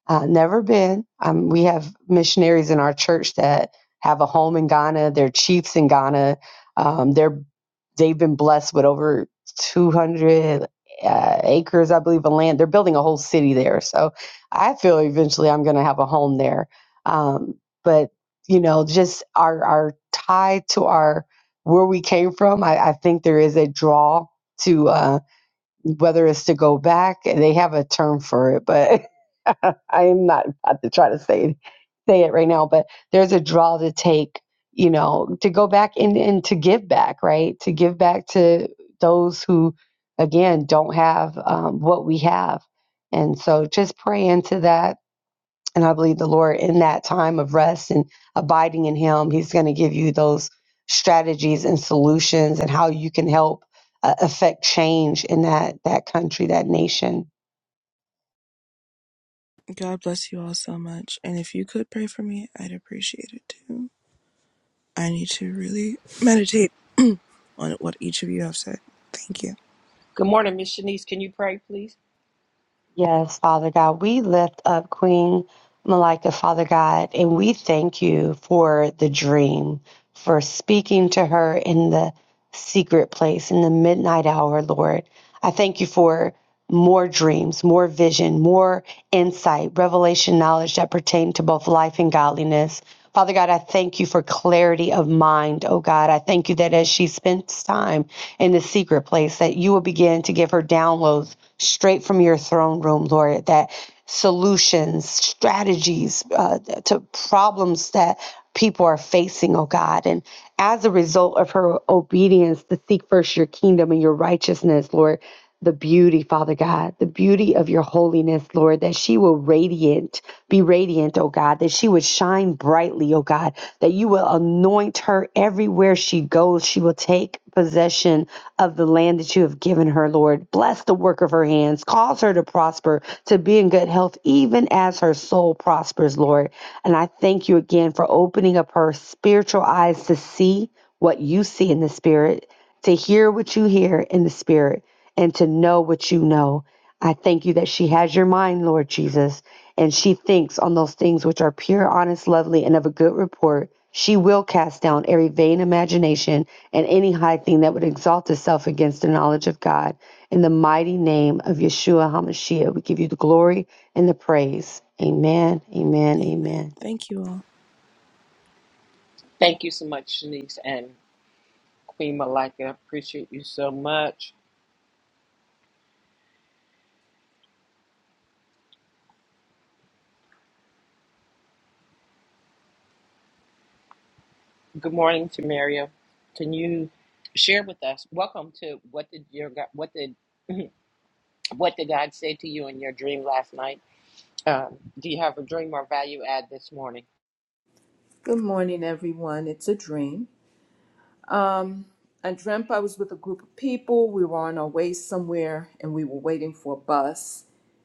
Speaker 4: uh, never been. Um, we have missionaries in our church that have a home in Ghana. They're chiefs in Ghana. Um, they're they've been blessed with over 200 uh, acres, I believe, of land. They're building a whole city there. So I feel eventually I'm going to have a home there. Um, but you know, just our our tie to our where we came from. I, I think there is a draw to. Uh, whether it's to go back they have a term for it but i am not about to try to say say it right now but there's a draw to take you know to go back and, and to give back right to give back to those who again don't have um, what we have and so just pray into that and I believe the Lord, in that time of rest and abiding in Him, He's going to give you those strategies and solutions and how you can help uh, affect change in that that country, that nation.
Speaker 3: God bless you all so much. And if you could pray for me, I'd appreciate it too. I need to really meditate on what each of you have said. Thank you.
Speaker 1: Good morning, Miss Shanice. Can you pray, please?
Speaker 4: Yes, Father God, we lift up Queen Malika, Father God, and we thank you for the dream, for speaking to her in the secret place, in the midnight hour, Lord. I thank you for more dreams, more vision, more insight, revelation, knowledge that pertain to both life and godliness. Father God, I thank you for clarity of mind, oh God. I thank you that as she spends time in the secret place, that you will begin to give her downloads straight from your throne room, Lord, that solutions, strategies uh, to problems that people are facing, oh God. And as a result of her obedience to seek first your kingdom and your righteousness, Lord, the beauty, Father God, the beauty of your holiness, Lord, that she will radiant, be radiant, oh God, that she would shine brightly, oh God, that you will anoint her everywhere she goes. She will take possession of the land that you have given her, Lord. Bless the work of her hands. Cause her to prosper, to be in good health, even as her soul prospers, Lord. And I thank you again for opening up her spiritual eyes to see what you see in the spirit to hear what you hear in the spirit and to know what you know. I thank you that she has your mind, Lord Jesus, and she thinks on those things which are pure, honest, lovely, and of a good report. She will cast down every vain imagination and any high thing that would exalt itself against the knowledge of God. In the mighty name of Yeshua HaMashiach, we give you the glory and the praise. Amen, amen, amen.
Speaker 3: Amen. Thank you all.
Speaker 1: Thank you so much, Shanice. And Queen Malika, appreciate you so much. Good morning Tamaria. Can you share with us? Welcome to what did your God, what did what did God say to you in your dream last night? Um, do you have a dream or value add this morning?
Speaker 5: Good morning, everyone. It's a dream. Um, I dreamt I was with a group of people. We were on our way somewhere and we were waiting for a bus.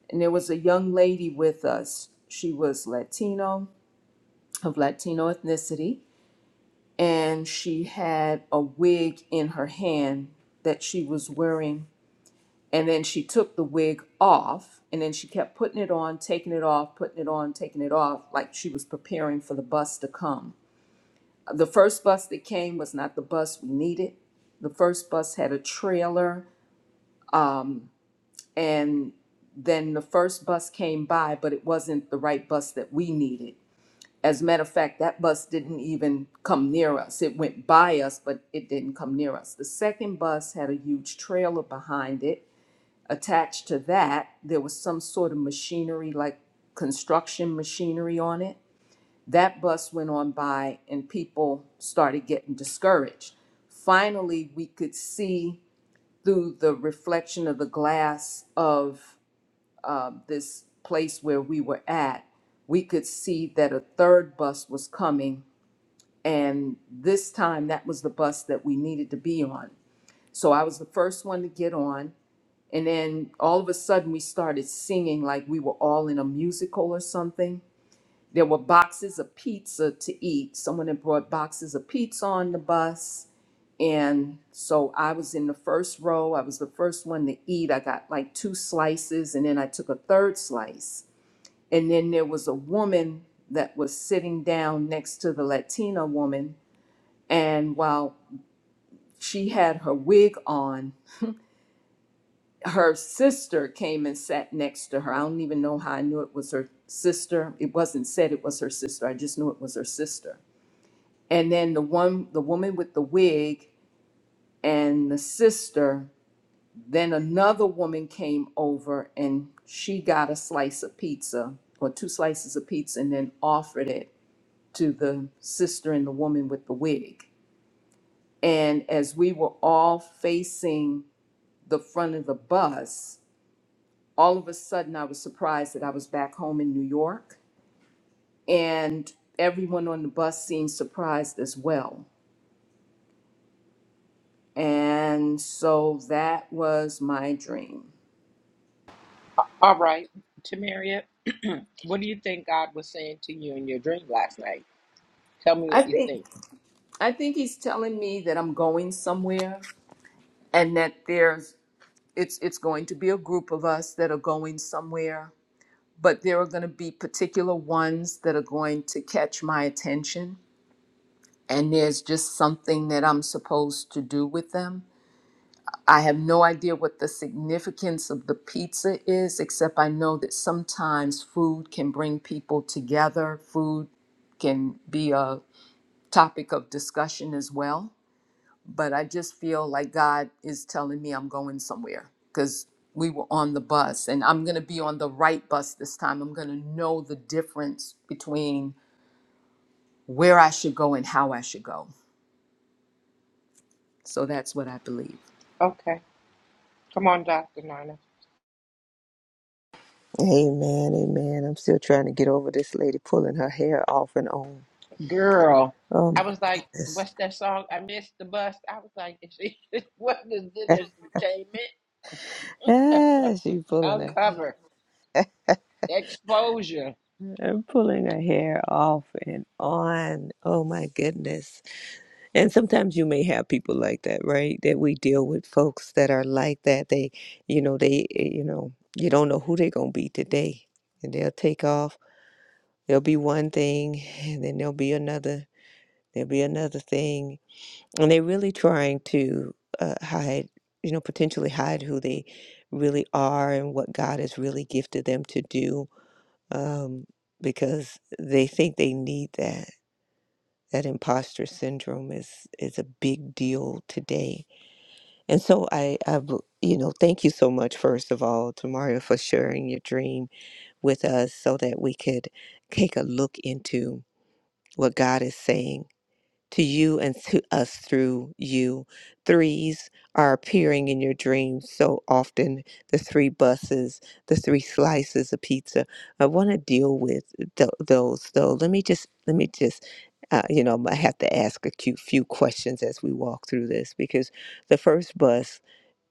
Speaker 5: And there was a young lady with us. She was Latino, of Latino ethnicity, and she had a wig in her hand that she was wearing. And then she took the wig off and then she kept putting it on, taking it off, putting it on, taking it off, like she was preparing for the bus to come The first bus that came was not the bus we needed. The first bus had a trailer, um, and then the first bus came by, but it wasn't the right bus that we needed. As a matter of fact, that bus didn't even come near us. It went by us, but it didn't come near us. The second bus had a huge trailer behind it. Attached to that, there was some sort of machinery, like construction machinery on it that bus went on by and people started getting discouraged. Finally, we could see through the reflection of the glass of uh, this place where we were at, we could see that a third bus was coming. And this time, that was the bus that we needed to be on. So I was the first one to get on. And then all of a sudden, we started singing like we were all in a musical or something there were boxes of pizza to eat. Someone had brought boxes of pizza on the bus. And so I was in the first row. I was the first one to eat. I got like two slices and then I took a third slice. And then there was a woman that was sitting down next to the Latina woman. And while she had her wig on, her sister came and sat next to her. I don't even know how I knew it was her sister. It wasn't said it was her sister. I just knew it was her sister and then the one the woman with the wig and the sister then another woman came over and she got a slice of pizza or two slices of pizza and then offered it to the sister and the woman with the wig and as we were all facing the front of the bus all of a sudden i was surprised that i was back home in new york and everyone on the bus seemed surprised as well And so that was my dream.
Speaker 1: All right, Tamaria, what do you think God was saying to you in your dream last night? Tell me
Speaker 5: I
Speaker 1: what you
Speaker 5: think
Speaker 1: think.
Speaker 5: I think he's telling me that I'm going somewhere and that there's it's it's going to be a group of us that are going somewhere, but there are going to be particular ones that are going to catch my attention and there's just something that I'm supposed to do with them. I have no idea what the significance of the pizza is, except I know that sometimes food can bring people together. Food can be a topic of discussion as well. But I just feel like God is telling me I'm going somewhere because we were on the bus and I'm going to be on the right bus this time. I'm going to know the difference between where I should go and how I should go. So that's what I believe.
Speaker 1: Okay, come on, Doctor Nina.
Speaker 2: Amen, amen. I'm still trying to get over this lady pulling her hair off and on.
Speaker 1: Girl,
Speaker 2: Oh
Speaker 1: I
Speaker 2: my
Speaker 1: was like,
Speaker 2: goodness.
Speaker 1: what's that song? I missed the bus. I was like, is she, what is this entertainment?
Speaker 2: Ah, she pulling her
Speaker 1: Uncover. exposure.
Speaker 2: hair, pulling her hair off and on. Oh my goodness. And sometimes you may have people like that, right? That we deal with folks that are like that. They, you know, they, eh, you know, you don't know who they're going to be today. And they'll take off. There'll be one thing, and then there'll be another. There'll be another thing. And they're really trying to uh, hide, you know, potentially hide who they really are and what God has really gifted them to do um, because they think they need that. That imposter syndrome is, is a big deal today And so I, I, bel- you know, thank you so much, first of all, to Mario for sharing your dream with us so that we could take a look into what God is saying to you and to us through you. Threes are appearing in your dreams so often the three buses, the three slices of pizza. I want to deal with th- those though. Let me just, let me just. Uh, you know, I have to ask a few, few questions as we walk through this because the first bus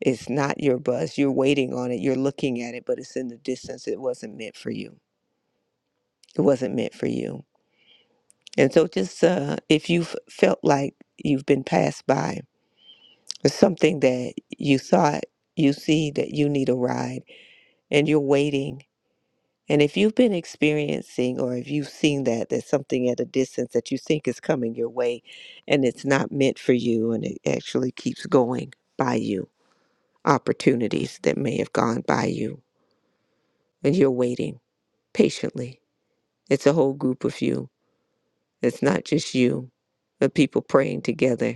Speaker 2: is not your bus. You're waiting on it, you're looking at it, but it's in the distance. It wasn't meant for you. It wasn't meant for you and so, just uh, if you've felt like you've been passed by, or something that you thought you see that you need a ride and you're waiting, and if you've been experiencing or if you've seen that, there's something at a distance that you think is coming your way and it's not meant for you and it actually keeps going by you, opportunities that may have gone by you, and you're waiting patiently. It's a whole group of you, it's not just you, but people praying together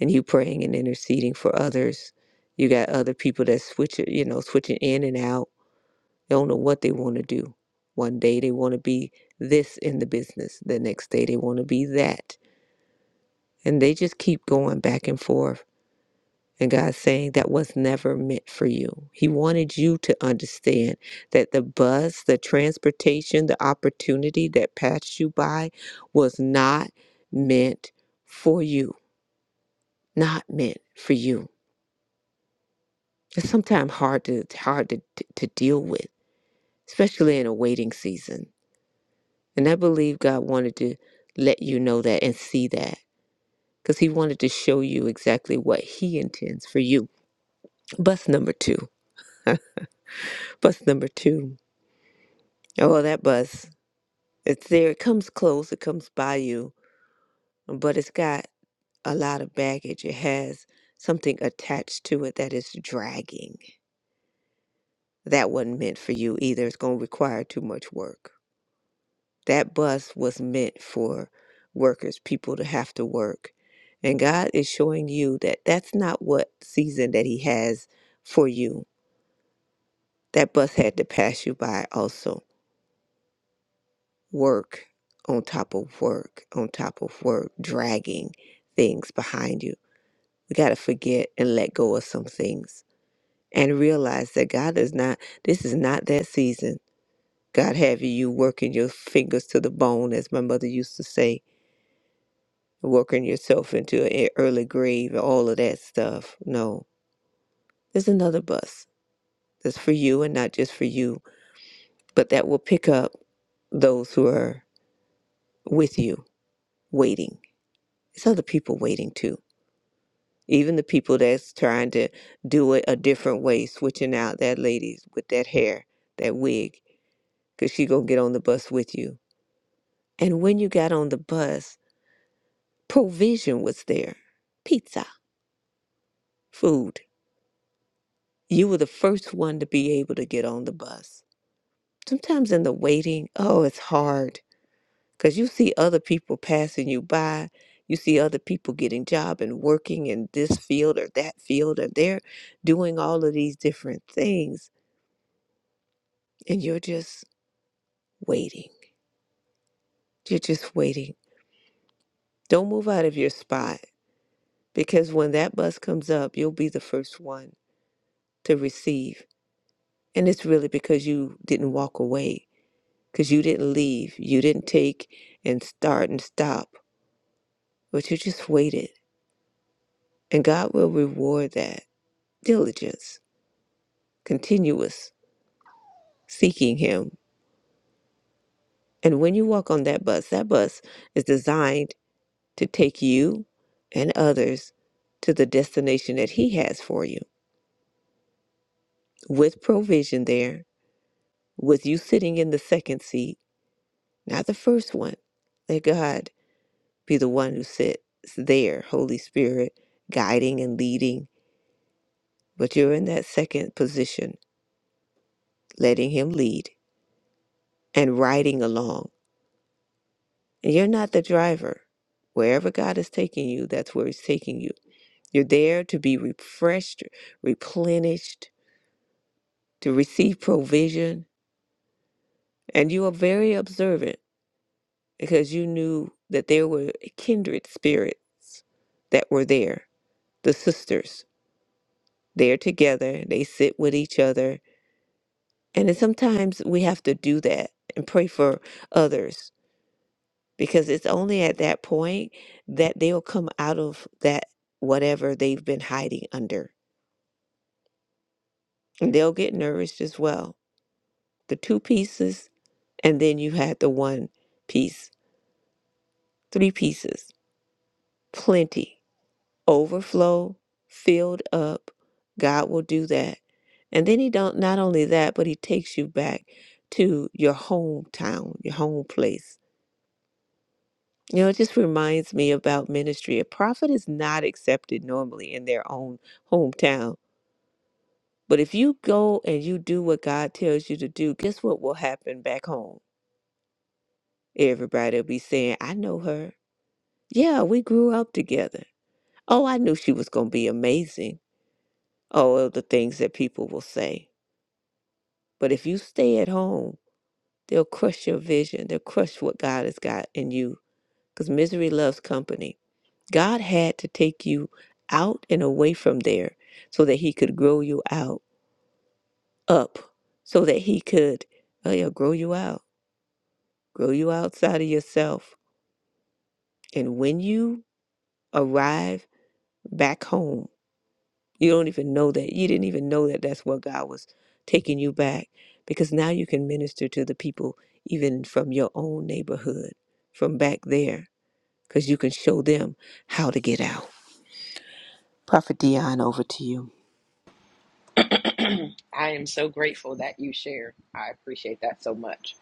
Speaker 2: and you praying and interceding for others. You got other people that switch, you know, switching in and out. They don't know what they want to do. One day they want to be this in the business. The next day they want to be that. And they just keep going back and forth. And God's saying that was never meant for you. He wanted you to understand that the bus, the transportation, the opportunity that passed you by was not meant for you. Not meant for you. It's sometimes hard to hard to to to deal with, especially in a waiting season. And I believe God wanted to let you know that and see that because He wanted to show you exactly what He intends for you. Bus number two. bus number two. Oh, that bus. It's there. It comes close. It comes by you, but it's got a lot of baggage. It has something attached to it that is dragging. That wasn't meant for you either. It's going to require too much work. That bus was meant for workers, people to have to work. And God is showing you that that's not what season that He has for you. That bus had to pass you by also. Work on top of work, on top of work, dragging things behind you. We got to forget and let go of some things and realize that God is not, this is not that season. God have you working your fingers to the bone, as my mother used to say working yourself into an e- early grave all of that stuff. No, there's another bus that's for you and not just for you, but that will pick up those who are with you waiting. It's other people waiting too. Even the people that's trying to do it a different way, switching out that lady with that hair, that wig, because she gonna get on the bus with you. And when you got on the bus, provision was there, pizza, food. You were the first one to be able to get on the bus sometimes in the waiting, oh, it's hard because you see other people passing you by. You see other people getting job and working in this field or that field, or they're doing all of these different things, and you're just waiting. You're just waiting. Don't move out of your spot because when that bus comes up, you'll be the first one to receive. And it's really because you didn't walk away, because you didn't leave. You didn't take and start and stop, but you just waited And God will reward that diligence, continuous seeking Him. And when you walk on that bus, that bus is designed to take you and others to the destination that He has for you with provision there, with you sitting in the second seat, not the first one. Let God be the one who sits there, Holy Spirit, guiding and leading. But you're in that second position, letting Him lead and riding along And you're not the driver. Wherever God is taking you, that's where He's taking you. You're there to be refreshed, replenished, to receive provision. And you are very observant because you knew that there were kindred spirits that were there, the sisters. They're together, they sit with each other. And then sometimes we have to do that and pray for others because it's only at that point that they'll come out of that whatever they've been hiding under. And they'll get nourished as well. The two pieces, and then you had the one piece, three pieces, plenty, overflow, filled up. God will do that. And then he don't not only that, but he takes you back to your hometown, your home place You know, it just reminds me about ministry. A prophet is not accepted normally in their own hometown. But if you go and you do what God tells you to do, guess what will happen back home? Everybody will be saying, I know her. Yeah, we grew up together. Oh, I knew she was going to be amazing. Oh, well, the things that people will say. But if you stay at home, they'll crush your vision, they'll crush what God has got in you because misery loves company. God had to take you out and away from there so that he could grow you out up so that he could oh yeah, grow you out grow you outside of yourself and when you arrive back home you don't even know that you didn't even know that that's where God was taking you back because now you can minister to the people even from your own neighborhood from back there because you can show them how to get out prophet Dion over to you
Speaker 1: I am so grateful that you shared. I appreciate that so much.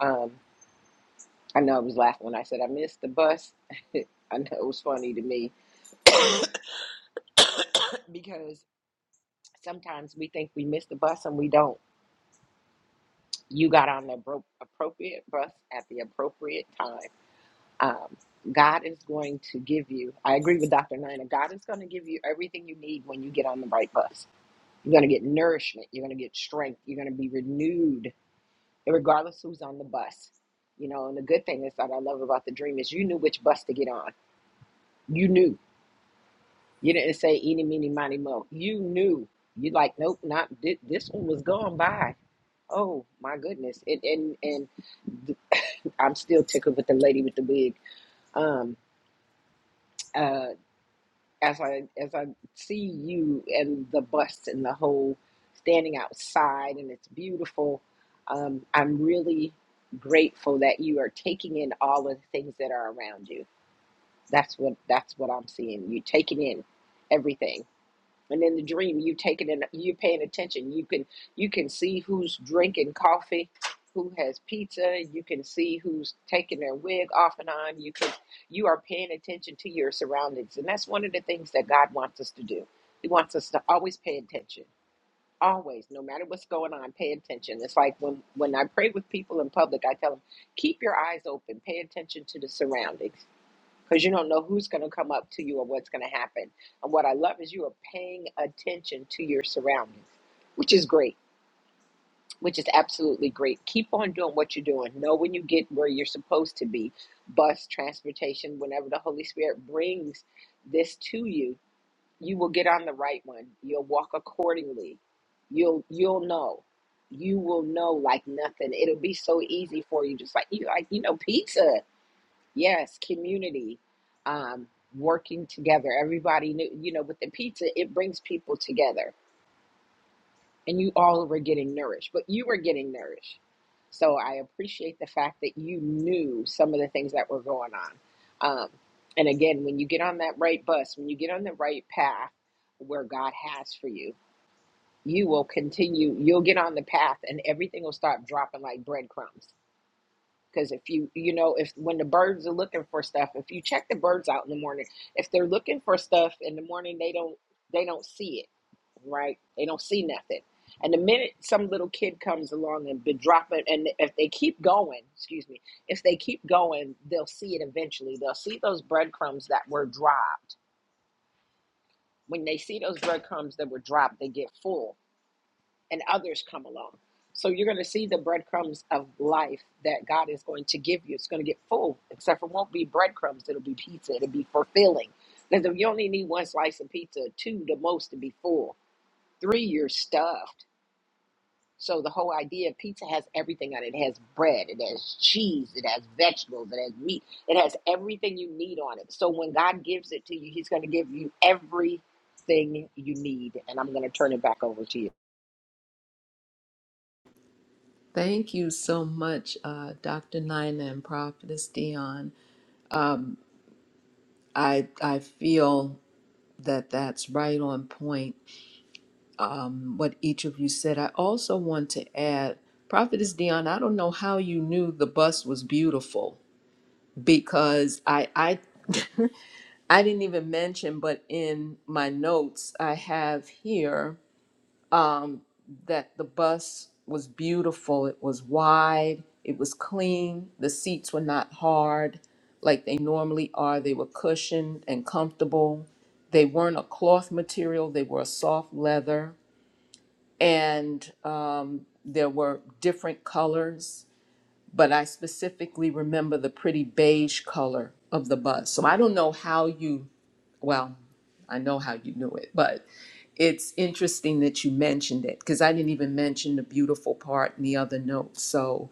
Speaker 1: Um, I know I was laughing when I said I missed the bus. I know it was funny to me because sometimes we think we missed the bus and we don't. You got on the appro- appropriate bus at the appropriate time. Um, God is going to give you, I agree with Dr. Nina, God is going to give you everything you need when you get on the right bus. You're going to get nourishment, you're going to get strength, you're going to be renewed regardless who's on the bus. You know, and the good thing is that I love about the dream is you knew which bus to get on. You knew. You didn't say eeny, meeny, miny, mo. You knew. You like, nope, not thi- this one was gone by. Oh my goodness! And and and th- I'm still tickled with the lady with the wig. Um, uh, as I as I see you and the bus and the whole standing outside and it's beautiful. Um, I'm really grateful that you are taking in all of the things that are around you. That's what that's what I'm seeing. You're taking in everything and in the dream you taking it in- you're paying attention you can you can see who's drinking coffee who has pizza you can see who's taking their wig off and on you can you are paying attention to your surroundings and that's one of the things that god wants us to do he wants us to always pay attention always no matter what's going on pay attention it's like when when i pray with people in public i tell them keep your eyes open pay attention to the surroundings because you don't know who's going to come up to you or what's going to happen. And what I love is you are paying attention to your surroundings, which is great, which is absolutely great. Keep on doing what you're doing. Know when you get where you're supposed to be bus, transportation, whenever the Holy Spirit brings this to you, you will get on the right one. You'll walk accordingly. You'll you'll know. You will know like nothing. It'll be so easy for you, just like you like you know pizza. Yes, community, um, working together. Everybody knew, you know, with the pizza, it brings people together, and you all were getting nourished, but you were getting nourished. So I appreciate the fact that you knew some of the things that were going on. Um, and again, when you get on that right bus, when you get on the right path where God has for you, you will continue, you'll get on the path, and everything will start dropping like breadcrumbs because if you, you know, if when the birds are looking for stuff, if you check the birds out in the morning, if they're looking for stuff in the morning, they don't, they don't see it, right? They don't see nothing. And the minute some little kid comes along and be dropping, and if they keep going, excuse me, if they keep going, they'll see it eventually. They'll see those breadcrumbs that were dropped. When they see those breadcrumbs that were dropped, they get full and others come along. So you're going to see the breadcrumbs of life that God is going to give you. It's going to get full, except for it won't be breadcrumbs. It'll be pizza. It'll be fulfilling. Because you only need one slice of pizza, two the most to be full. Three, you're stuffed. So the whole idea of pizza has everything on it. It has bread, it has cheese, it has vegetables, it has meat, it has everything you need on it. So when God gives it to you, He's going to give you everything you need. And I'm going to turn it back over to you.
Speaker 5: Thank you so much, uh, Dr. Nina and Prophetess Dion. I I feel that that's right on point. Um, what each of you said. I also want to add, Prophetess Dion. I don't know how you knew the bus was beautiful because I I I didn't even mention, but in my notes I have here. um, that the bus was beautiful. It was wide, it was clean, the seats were not hard like they normally are. They were cushioned and comfortable. They weren't a cloth material, they were a soft leather. And um, there were different colors, but I specifically remember the pretty beige color of the bus. So I don't know how you well, I know how you knew it, but it's interesting that you mentioned it because I didn't even mention the beautiful part in the other note. So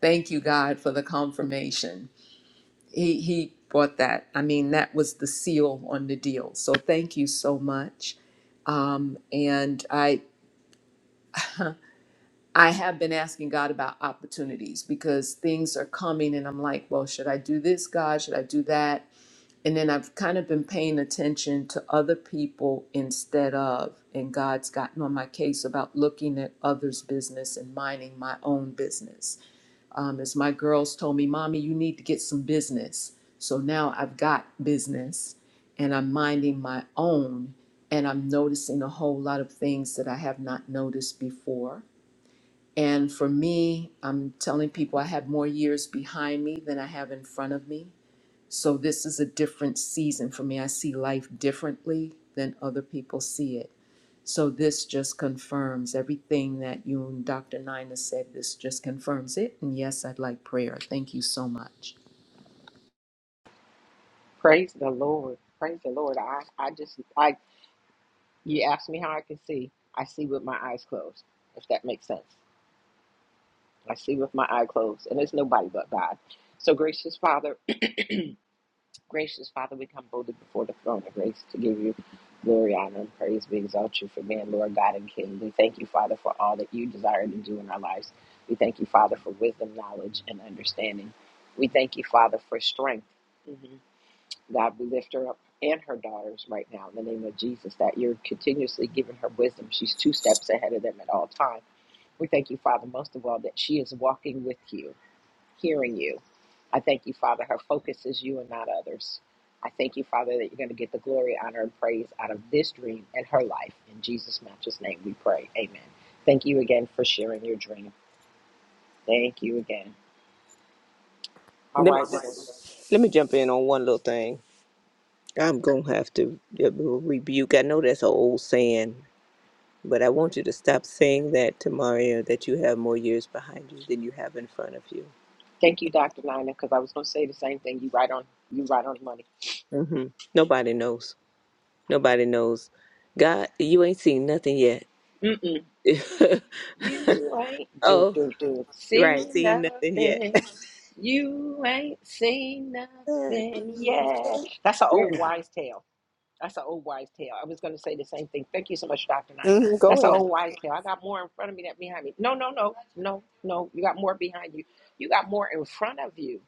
Speaker 5: thank you, God, for the confirmation. He he brought that. I mean, that was the seal on the deal. So thank you so much. Um, and I I have been asking God about opportunities because things are coming, and I'm like, well, should I do this, God? Should I do that? and then I've kind of been paying attention to other people instead of, and God's gotten on my case about looking at others' business and minding my own business. Um, as my girls told me, Mommy, you need to get some business. So now I've got business and I'm minding my own, and I'm noticing a whole lot of things that I have not noticed before. And for me, I'm telling people I have more years behind me than I have in front of me so this is a different season for me. I see life differently than other people see it. So this just confirms everything that you and Dr. Nina said. This just confirms it. And yes, I'd like prayer. Thank you so much.
Speaker 1: Praise the Lord. Praise the Lord. I, I just I you asked me how I can see. I see with my eyes closed, if that makes sense. I see with my eye closed, and there's nobody but God. So gracious Father, gracious Father, we come boldly before the throne of grace to give you glory, honor, and praise. We exalt you for being Lord God and King. We thank you, Father, for all that you desire to do in our lives. We thank you, Father, for wisdom, knowledge, and understanding. We thank you, Father, for strength. Mhm. God, we lift her up and her daughters right now in the name of Jesus, that you're continuously giving her wisdom. She's two steps ahead of them at all times. We thank you, Father, most of all, that she is walking with you, hearing you. I thank you, Father, her focus is you and not others. I thank you, Father, that you're going to get the glory, honor, and praise out of this dream and her life. In Jesus' matchless name we pray. Amen. Thank you again for sharing your dream. Thank you again. All
Speaker 2: Let me
Speaker 1: right, we're
Speaker 2: let,
Speaker 1: going to
Speaker 2: let me jump in on one little thing. I'm gonna have to uh, rebuke. I know that's an old saying, but I want you to stop saying that to Mario. That you have more years behind you than you have in front of you.
Speaker 1: thank you, Dr. Nina, because I was going to say the same thing. You right on, you right on money.
Speaker 2: hmm Nobody knows. Nobody knows. God, you ain't seen nothing yet.
Speaker 1: Mm-mm. You ain't do
Speaker 2: oh,
Speaker 1: do do see
Speaker 2: right, seen nothing yet.
Speaker 1: nothing. You ain't seen
Speaker 2: Nothing
Speaker 1: nothing. Yeah,
Speaker 2: yet.
Speaker 1: that's an old
Speaker 2: yeah.
Speaker 1: wise tale. That's an old wise tale. I was going to say the same thing. Thank you so much, Doctor Nina.
Speaker 2: Mhm, Go
Speaker 1: That's an
Speaker 2: ahead.
Speaker 1: old wise tale. I got more in front of me than behind me. No, no, no, no, no. You got more behind you. You got more in front of you.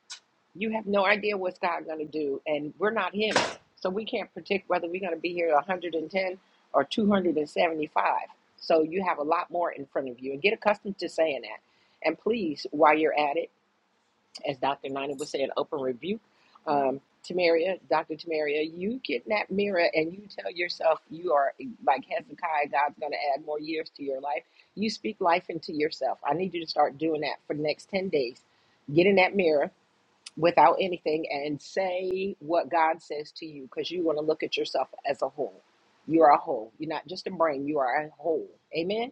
Speaker 1: You have no idea what's God going to do, and we're not Him, so we can't predict whether we're going to be here 110 or 275. So you have a lot more in front of you, and get accustomed to saying that. And please, while you're at it, as Dr. Nina was saying, open rebuke. Um, Tamaria, Dr. Tamaria, you get in that mirror and you tell yourself you are like Hezekiah, God's going to add more years to your life. You speak life into yourself. I need you to start doing that for the next 10 days. Get in that mirror without anything and say what God says to you because you want to look at yourself as a whole. You are a whole. You're not just a brain, you are a whole. Amen.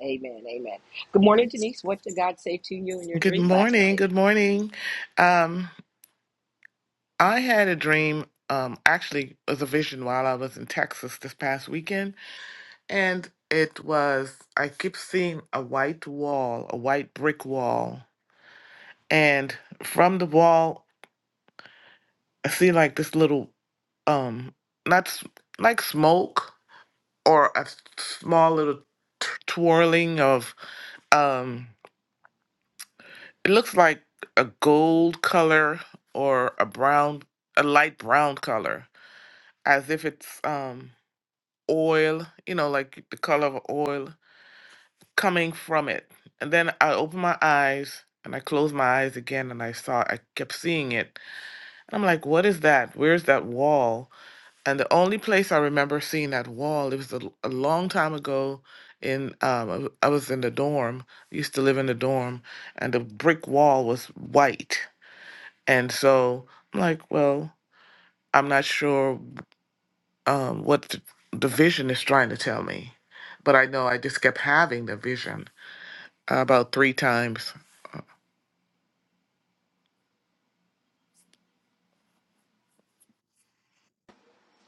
Speaker 1: Amen. Amen. Good morning, Denise. What did God say to you in your
Speaker 6: Good
Speaker 1: dream last
Speaker 6: morning.
Speaker 1: night?
Speaker 6: Good morning. Um, I had a dream, um, actually, it was a vision while I was in Texas this past weekend. And it was, I keep seeing a white wall, a white brick wall. And from the wall, I see like this little, um, not s- like smoke or a s- small little t- twirling of, um, it looks like a gold color or a brown, a light brown color as if it's um oil, you know, like the color of oil coming from it. And then I opened my eyes and I closed my eyes again and I saw I kept seeing it. And I'm like, what is that? Where's that wall? And the only place I remember seeing that wall, it was a a long time ago in um I w- I was in the dorm. used to live in the dorm and the brick wall was white. And so I'm like, well, I'm not sure um, what th- the vision is trying to tell me. But I know I just kept having the vision uh, about three times.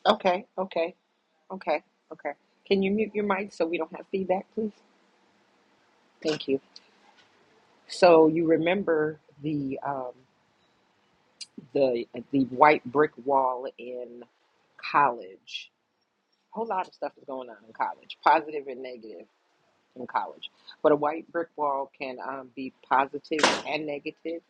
Speaker 1: Okay. Okay. Okay. Okay. Can you mute your mic so we don't have feedback, please? Thank you. So you remember the um, the the white brick wall in college. A whole lot of stuff is going on in college, positive and negative in college. But a white brick wall can um, be positive and negative.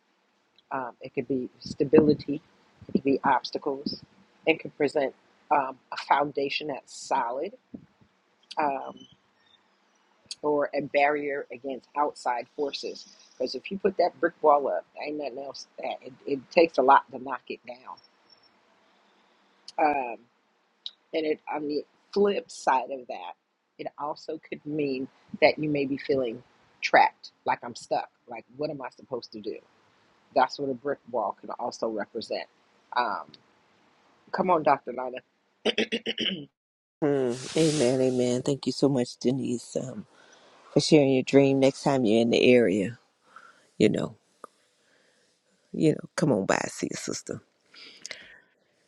Speaker 1: Um, it could be stability, it could be obstacles, it could present um, a foundation that's solid um, or a barrier against outside forces. Because if you put that brick wall up, there ain't nothing else. That, it, it takes a lot to knock it down. Um, and it, on the flip side of that, it also could mean that you may be feeling trapped, like I'm stuck. Like, what am I supposed to do? That's what a brick wall can also represent. Um, come on, Dr. Lana.
Speaker 2: Mm, amen. Amen. Thank you so much, Denise. Um, for sharing your dream next time you're in the area. You know, you know, come on by, see your sister.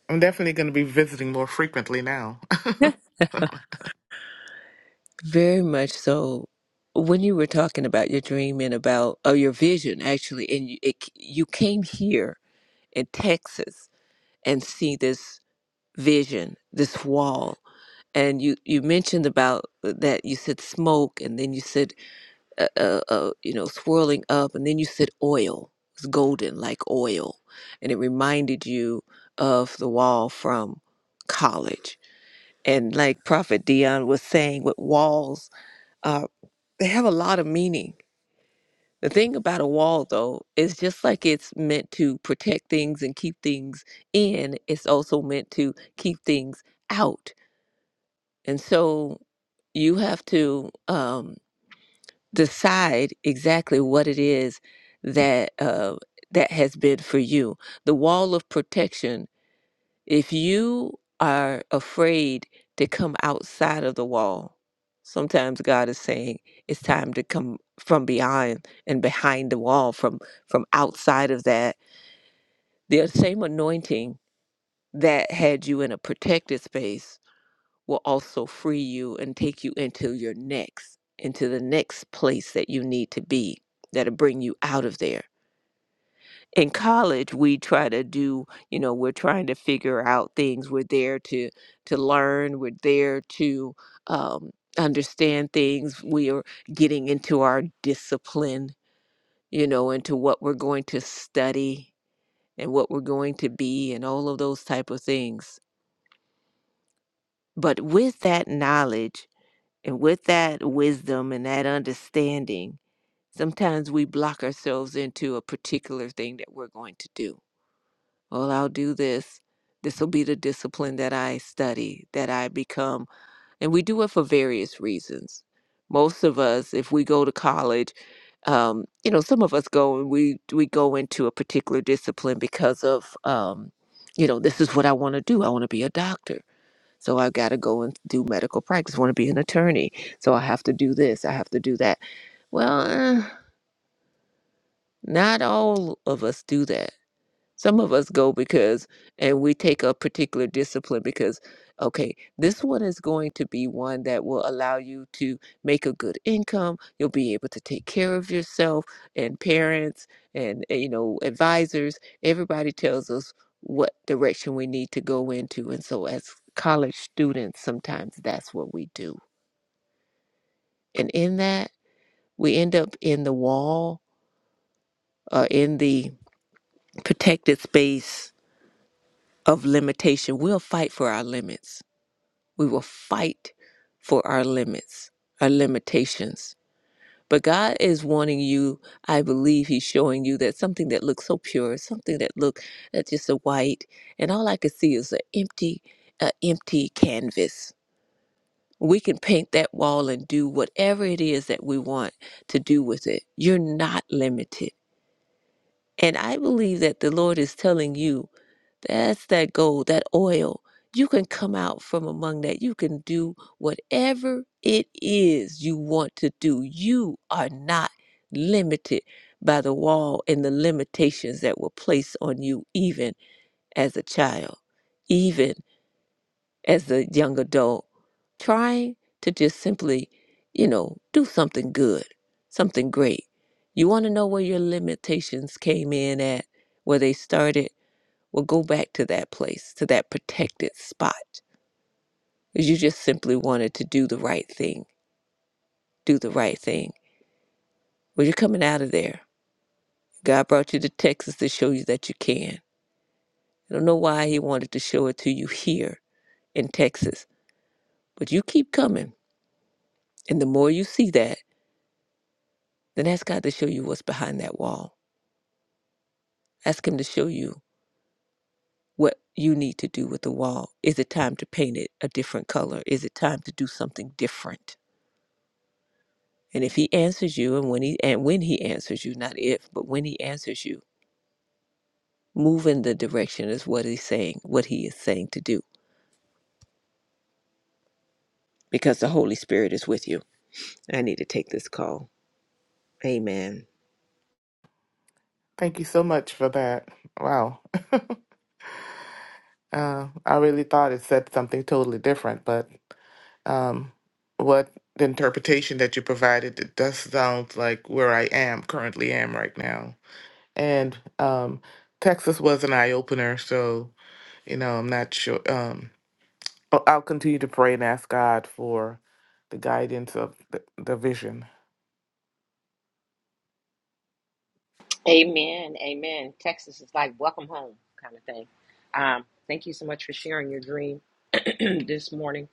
Speaker 6: I'm definitely going to be visiting more frequently now.
Speaker 2: Yeah. Very much so. When you were talking about your dream and about or your vision, actually, and you, it, you came here in Texas and see this vision, this wall, and you you mentioned about uh, that you said smoke, and then you said uh, uh, uh, you know, swirling up, and then you said oil. It's golden like oil, and it reminded you of the wall from college. And like Prophet Dion was saying, with walls, uh, they have a lot of meaning. The thing about a wall, though, is just like it's meant to protect things and keep things in, it's also meant to keep things out. And so you have to. Um, decide exactly what it is that uh, that has been for you. The wall of protection. If you are afraid to come outside of the wall, sometimes God is saying it's time to come from behind and behind the wall, from from outside of that. The same anointing that had you in a protected space will also free you and take you into your next, into the next place that you need to be, that'll bring you out of there. In college, we try to do, you know, we're trying to figure out things. We're there to to learn. We're there to um, understand things. We are getting into our discipline, you know, into what we're going to study and what we're going to be, and all of those type of things. But with that knowledge And with that wisdom and that understanding, sometimes we block ourselves into a particular thing that we're going to do. Well, I'll do this. This will be the discipline that I study, that I become. And we do it for various reasons. Most of us, if we go to college, um, you know, some of us go and we we go into a particular discipline because of, um, you know, this is what I want to do. I want to be a doctor so I've got to go and do medical practice, want to be an attorney. So I have to do this, I have to do that. Well, eh, not all of us do that. Some of us go because, and we take a particular discipline because, okay, this one is going to be one that will allow you to make a good income. You'll be able to take care of yourself and parents and, eh, you know, advisors. Everybody tells us what direction we need to go into. And so, as college students, sometimes that's what we do. And in that, we end up in the wall, uh, in the protected space of limitation. We'll fight for our limits We will fight for our limits, our limitations. But God is wanting you, I believe He's showing you that something that looks so pure, something that look that's just a white, and all I could see is an empty, a empty canvas. We can paint that wall and do whatever it is that we want to do with it. You're not limited and I believe that the Lord is telling you that's that gold, that oil. You can come out from among that. You can do whatever it is you want to do. You are not limited by the wall and the limitations that were placed on you, even as a child. Even as a young adult trying to just simply, you know, do something good, something great. You want to know where your limitations came in at, where they started? Well, go back to that place, to that protected spot, because you just simply wanted to do the right thing, do the right thing. Well, you're coming out of there. God brought you to Texas to show you that you can. I don't know why He wanted to show it to you here in Texas, but you keep coming. And the more you see that, then ask God to show you what's behind that wall. Ask Him to show you what you need to do with the wall. Is it time to paint it a different color? Is it time to do something different? And if He answers you, and when He and when He answers you, not if, but when He answers you, move in the direction is what He's saying, what He is saying to do, because the Holy Spirit is with you. I need to take this call. Amen.
Speaker 6: Thank you so much for that. Wow. Uh, I really thought it said something totally different, but um, what the interpretation that you provided, it does sound like where I am currently am right now. And um, Texas was an eye opener, so you know I'm not sure. Um, I'll I'll continue to pray and ask God for the guidance of the, the vision.
Speaker 1: Amen. Amen. Texas is like welcome home kind of thing. Um, thank you so much for sharing your dream this morning.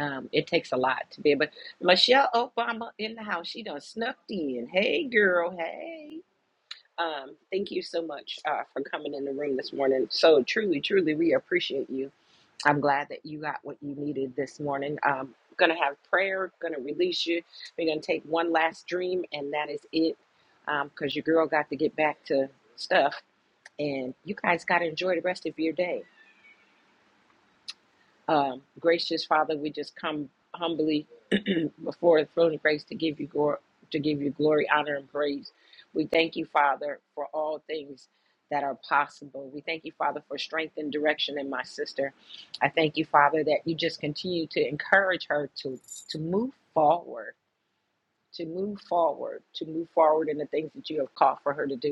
Speaker 1: Um, it takes a lot to be but Michelle Obama in the house. She done snuffed in. Hey, girl. Hey. Um, thank you so much uh, for coming in the room this morning. So truly, truly, we appreciate you. I'm glad that you got what you needed this morning. Um, gonna have prayer, gonna release you. We're gonna take one last dream, and that is it. Um, cause your girl got to get back to stuff, and you guys gotta enjoy the rest of your day. Um, gracious Father, we just come humbly before the throne of grace to give you glory, to give you glory, honor, and praise. We thank you, Father, for all things that are possible. We thank you, Father, for strength and direction in my sister. I thank you, Father, that you just continue to encourage her to to move forward, to move forward, to move forward in the things that you have called for her to do.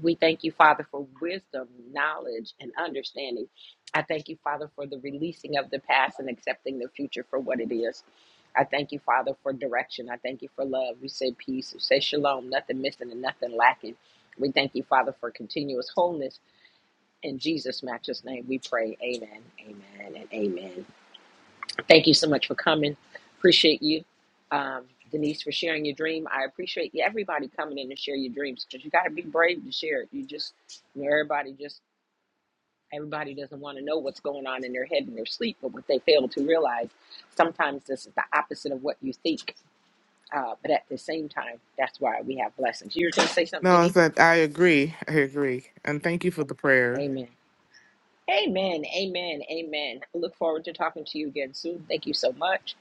Speaker 1: We thank you, Father, for wisdom, knowledge, and understanding. I thank you, Father, for the releasing of the past and accepting the future for what it is. I thank you, Father, for direction. I thank you for love. You say peace. You say shalom. Nothing missing and nothing lacking. We thank you, Father, for continuous wholeness. In Jesus' matchless name, we pray. Amen, amen, and amen. Thank you so much for coming. Appreciate you, um, Denise, for sharing your dream. I appreciate you, everybody coming in and share your dreams because you got to be brave to share it. You just, you know, everybody just, everybody doesn't want to know what's going on in their head in their sleep, but what they fail to realize, sometimes this is the opposite of what you think. Uh, but at the same time, that's why we have blessings. You were going to say something,
Speaker 6: No, I
Speaker 1: Denise?
Speaker 6: said I agree. I agree, and thank you for the prayer.
Speaker 1: Amen. Amen. Amen. Amen. I look forward to talking to you again soon. Thank you so much.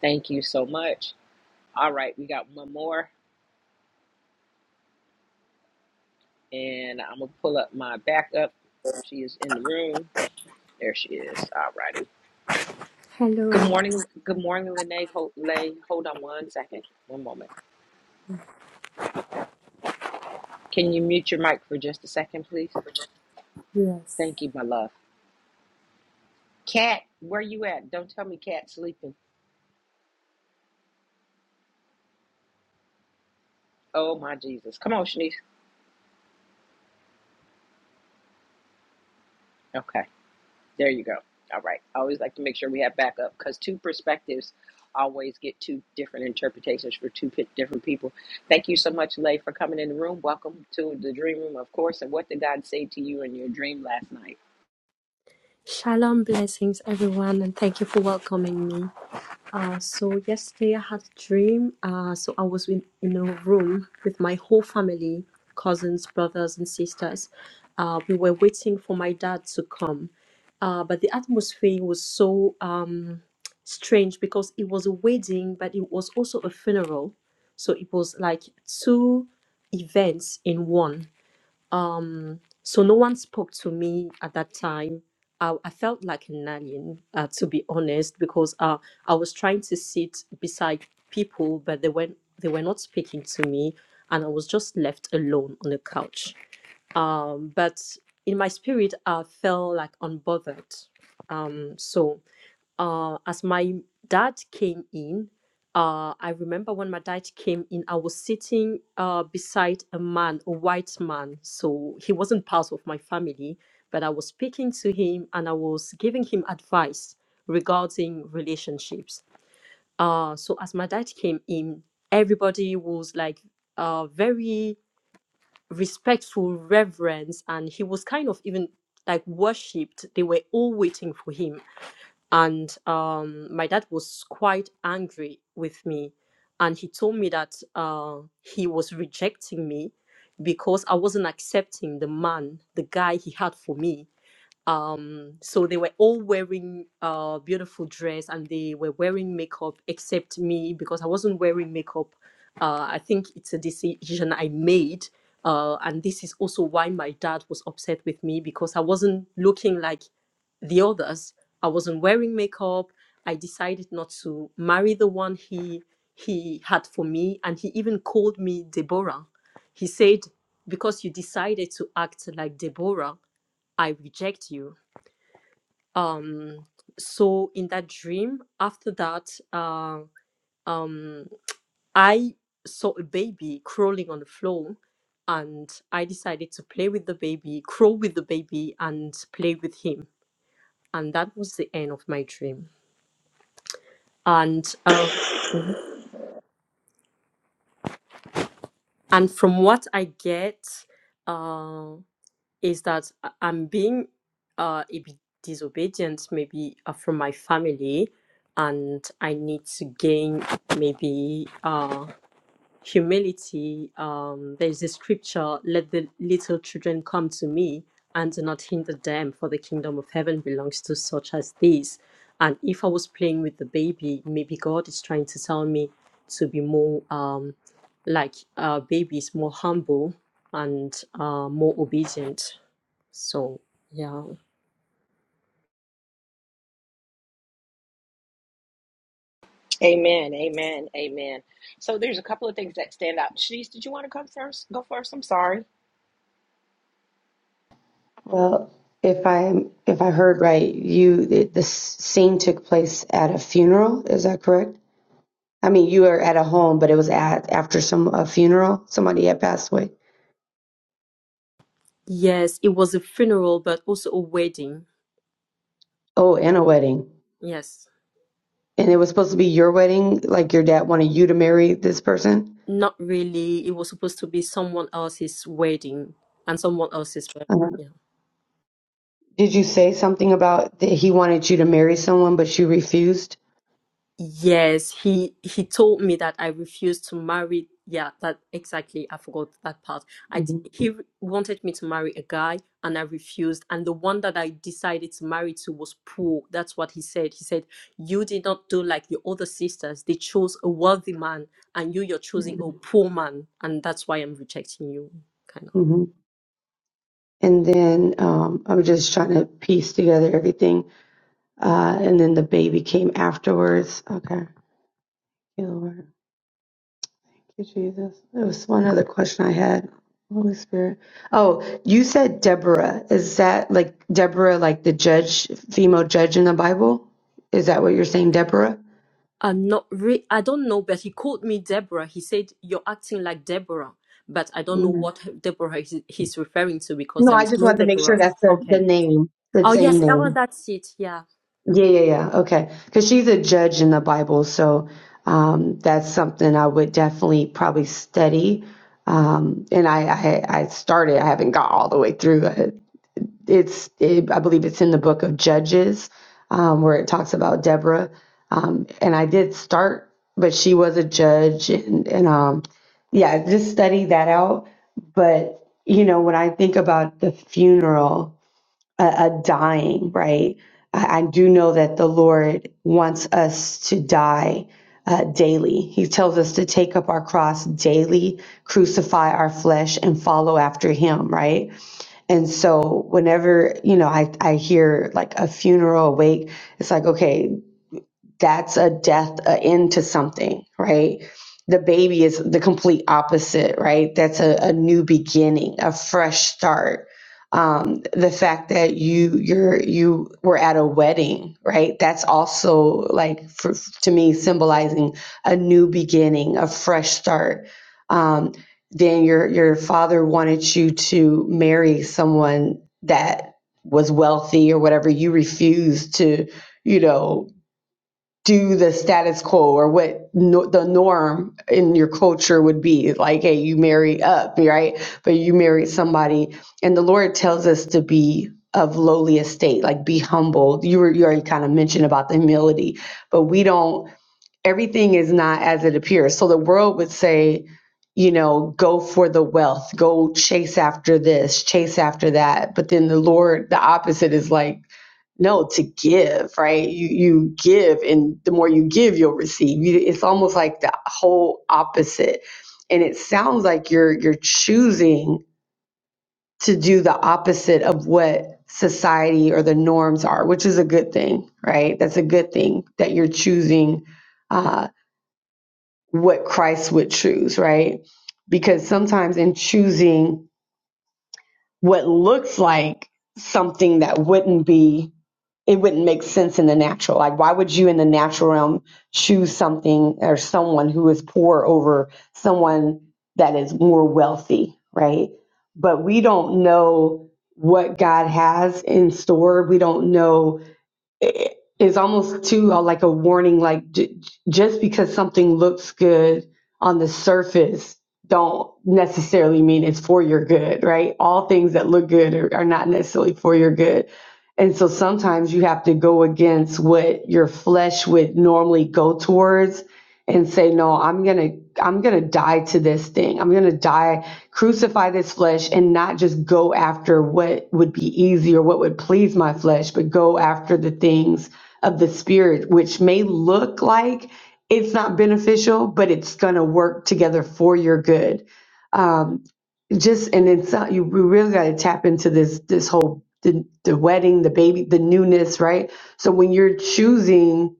Speaker 1: Thank you so much. All right, we got one more. and I'm gonna pull up my backup. She is in the room. There she is. Alrighty. Good
Speaker 7: Hello.
Speaker 1: morning. Good morning, Lene. Hold, Lay, hold on one second. One moment. Can you mute your mic for just a second, please?
Speaker 7: Yes.
Speaker 1: Thank you, my love. Cat, where you at? Don't tell me Cat's sleeping. Oh my Jesus. Come on, Shanice. Okay. There you go. All right. I always like to make sure we have backup because two perspectives always get two different interpretations for two pi- different people. Thank you so much, Lay, for coming in the room. Welcome to the dream room, of course. And what did God say to you in your dream last night?
Speaker 7: Shalom, blessings, everyone, and thank you for welcoming me. Uh, so yesterday I had a dream. Uh, so I was in, in a room with my whole family, cousins, brothers, and sisters. Uh, we were waiting for my dad to come, uh, but the atmosphere was so um, strange because it was a wedding, but it was also a funeral. So it was like two events in one Um, so no one spoke to me at that time. I, I felt like an alien, uh, to be honest, because uh, I was trying to sit beside people, but they weren't they were not speaking to me, and I was just left alone on the couch. Um, but in my spirit, I felt like unbothered. Um, so uh, as my dad came in, uh, I remember when my dad came in, I was sitting uh, beside a man, a white man. So he wasn't part of my family, but I was speaking to him and I was giving him advice regarding relationships. Uh, so as my dad came in, everybody was like uh, very respectful, reverence, and he was kind of even like worshipped. They were all waiting for him and um, my dad was quite angry with me and he told me that uh, he was rejecting me because i wasn't accepting the man the guy he had for me um so they were all wearing uh beautiful dress and they were wearing makeup except me because i wasn't wearing makeup uh i think it's a decision i made uh and this is also why my dad was upset with me because i wasn't looking like the others i wasn't wearing makeup i decided not to marry the one he he had for me and he even called me deborah he said because you decided to act like deborah i reject you um so in that dream after that uh, um i saw a baby crawling on the floor and i decided to play with the baby crawl with the baby and play with him and that was the end of my dream and uh, and from what i get uh, is that I- i'm being uh, a bit disobedient maybe uh, from my family and i need to gain maybe uh, humility, um, there's a scripture, let the little children come to me and do not hinder them, for the kingdom of heaven belongs to such as these. And if I was playing with the baby, maybe God is trying to tell me to be more um, like uh, babies, more humble and uh, more obedient. So, yeah.
Speaker 1: Amen. Amen. Amen. So there's a couple of things that stand out. Shanice, did you want to come first? Go first. I'm sorry.
Speaker 4: Well, if I if I heard right, you the, the scene took place at a funeral. Is that correct? I mean, you were at a home, but it was at after some a funeral. Somebody had passed away.
Speaker 7: Yes, it was a funeral, but also a wedding.
Speaker 4: Oh, and a wedding,
Speaker 7: Yes.
Speaker 4: and it was supposed to be your wedding. Like your dad wanted you to marry this person.
Speaker 7: Not really. It was supposed to be someone else's wedding and someone else's wedding.
Speaker 4: Uh,
Speaker 7: Yeah.
Speaker 4: did you say something about that he wanted you to marry someone, but you refused?
Speaker 7: Yes, he he told me that I refused to marry. Yeah, that exactly. I forgot that part. I d-
Speaker 4: hmm
Speaker 7: he re- wanted me to marry a guy and I refused. And the one that I decided to marry to was poor. That's what he said. He said, "You did not do like your other sisters. They chose a wealthy man and you you're choosing a poor man, and that's why I'm rejecting you." Kind of.
Speaker 4: hmm And then um, I was just trying to piece together everything. Uh, and then the baby came afterwards. Okay. Thank you, Lord. Thank you, Jesus. There was one other question I had. Holy Spirit. Oh, you said Deborah. Is that like Deborah, like the judge, female judge in the Bible? Is that what you're saying, Deborah?
Speaker 7: I'm not re- I don't know, but he called me Deborah. He said, You're acting like Deborah. But I don't know
Speaker 4: Mhm.
Speaker 7: what Deborah is, he's referring to because
Speaker 4: No,
Speaker 7: there
Speaker 4: I
Speaker 7: is
Speaker 4: just
Speaker 7: no
Speaker 4: wanted to make sure
Speaker 7: Deborah.
Speaker 4: that's the, the
Speaker 7: Okay.
Speaker 4: name, the
Speaker 7: Oh,
Speaker 4: same
Speaker 7: yes. Oh,
Speaker 4: name.
Speaker 7: that's it. Yeah.
Speaker 4: Yeah, yeah, yeah. Okay. Because she's a judge in the Bible, so um, that's something I would definitely probably study. Um, and I, I, I started. I haven't got all the way through. Uh, It's, it, I believe it's in the book of Judges, um, where it talks about Deborah. Um, and I did start, but she was a judge, and, and um, yeah, just study that out. But you know, when I think about the funeral a, a dying, right? I, I do know that the Lord wants us to die uh, daily. He tells us to take up our cross daily, crucify our flesh, and follow after Him, right? And so, whenever you know, I I hear like a funeral wake, it's like okay, that's a death a end to something right the baby is the complete opposite right that's a, a new beginning a fresh start um, the fact that you you're you were at a wedding right that's also like for, to me symbolizing a new beginning a fresh start um, then your your father wanted you to marry someone that was wealthy or whatever you refused to you know do the status quo or what no, the norm in your culture would be like hey you marry up right but you marry somebody and the lord tells us to be of lowly estate like be humble you were you already kind of mentioned about the humility but we don't everything is not as it appears. So the world would say, you know, go for the wealth, go chase after this, chase after that. But then the Lord, the opposite is like, no, to give, right? You you give, and the more you give, you'll receive. You, it's almost like the whole opposite, and it sounds like you're you're choosing to do the opposite of what society or the norms are, which is a good thing, right? That's a good thing that you're choosing uh, what Christ would choose, right? Because sometimes in choosing what looks like something that wouldn't be, it wouldn't make sense in the natural. Like, why would you in the natural realm choose something or someone who is poor over someone that is more wealthy, right? But we don't know what God has in store. We don't know it- it's almost too uh, like a warning like j- just because something looks good on the surface don't necessarily mean it's for your good right all things that look good are, are not necessarily for your good and so sometimes you have to go against what your flesh would normally go towards and say no i'm gonna i'm gonna die to this thing i'm gonna die crucify this flesh and not just go after what would be easy or what would please my flesh, but go after the things of the spirit, which may look like it's not beneficial, but it's going to work together for your good. Um, just and it's not, you we really got to tap into this this whole the, the wedding, the baby, the newness, right? So when you're choosing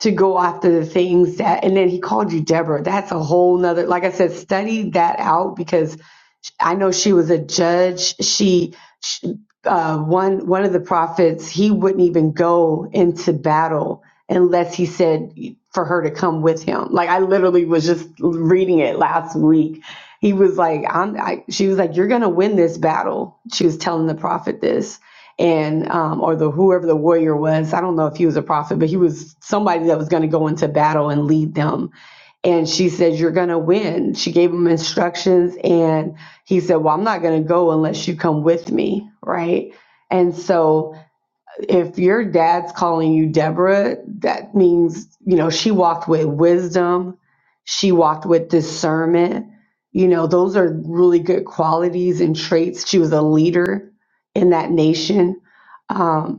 Speaker 4: to go after the things that and then he called you deborah that's a whole nother like i said study that out because i know she was a judge she, she uh, one one of the prophets he wouldn't even go into battle unless he said for her to come with him like i literally was just reading it last week he was like i'm I, she was like you're gonna win this battle she was telling the prophet this and um, or the whoever the warrior was. I don't know if he was a prophet, but he was somebody that was going to go into battle and lead them. And she said, "You're going to win." She gave him instructions, and he said, "Well, I'm not going to go unless you come with me, right?" And so if your dad's calling you Deborah, that means, you know, she walked with wisdom, she walked with discernment. You know, those are really good qualities and traits. She was a leader in that nation. Um,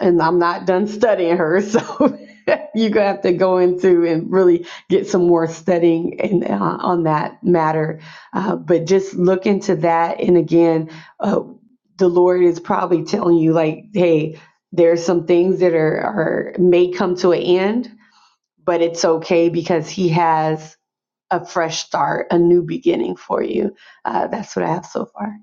Speaker 4: and I'm not done studying her. So you're gonna have to go into and really get some more studying and uh, on that matter. Uh, but just look into that, and again, uh, the Lord is probably telling you like, hey, there's some things that are, are may come to an end, but it's okay because He has a fresh start, a new beginning for you. Uh, that's what I have so far.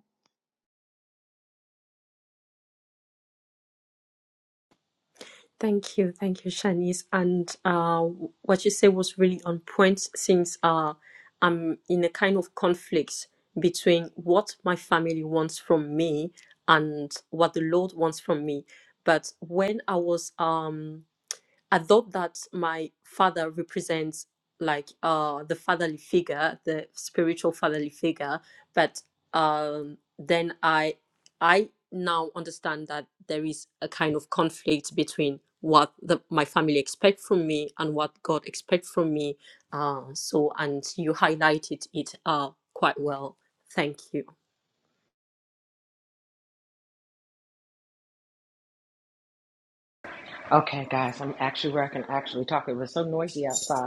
Speaker 7: Thank you. Thank you, Shanice. And uh, what you said was really on point since uh, I'm in a kind of conflict between what my family wants from me and what the Lord wants from me. But when I was um, I thought that my father represents like uh the fatherly figure, the spiritual fatherly figure, but um then I I now understand that there is a kind of conflict between what the, my family expect from me and what God expects from me. Uh, so and you highlighted it uh quite well. Thank you.
Speaker 1: Okay, guys, I'm actually where I can actually talk. It was so noisy outside.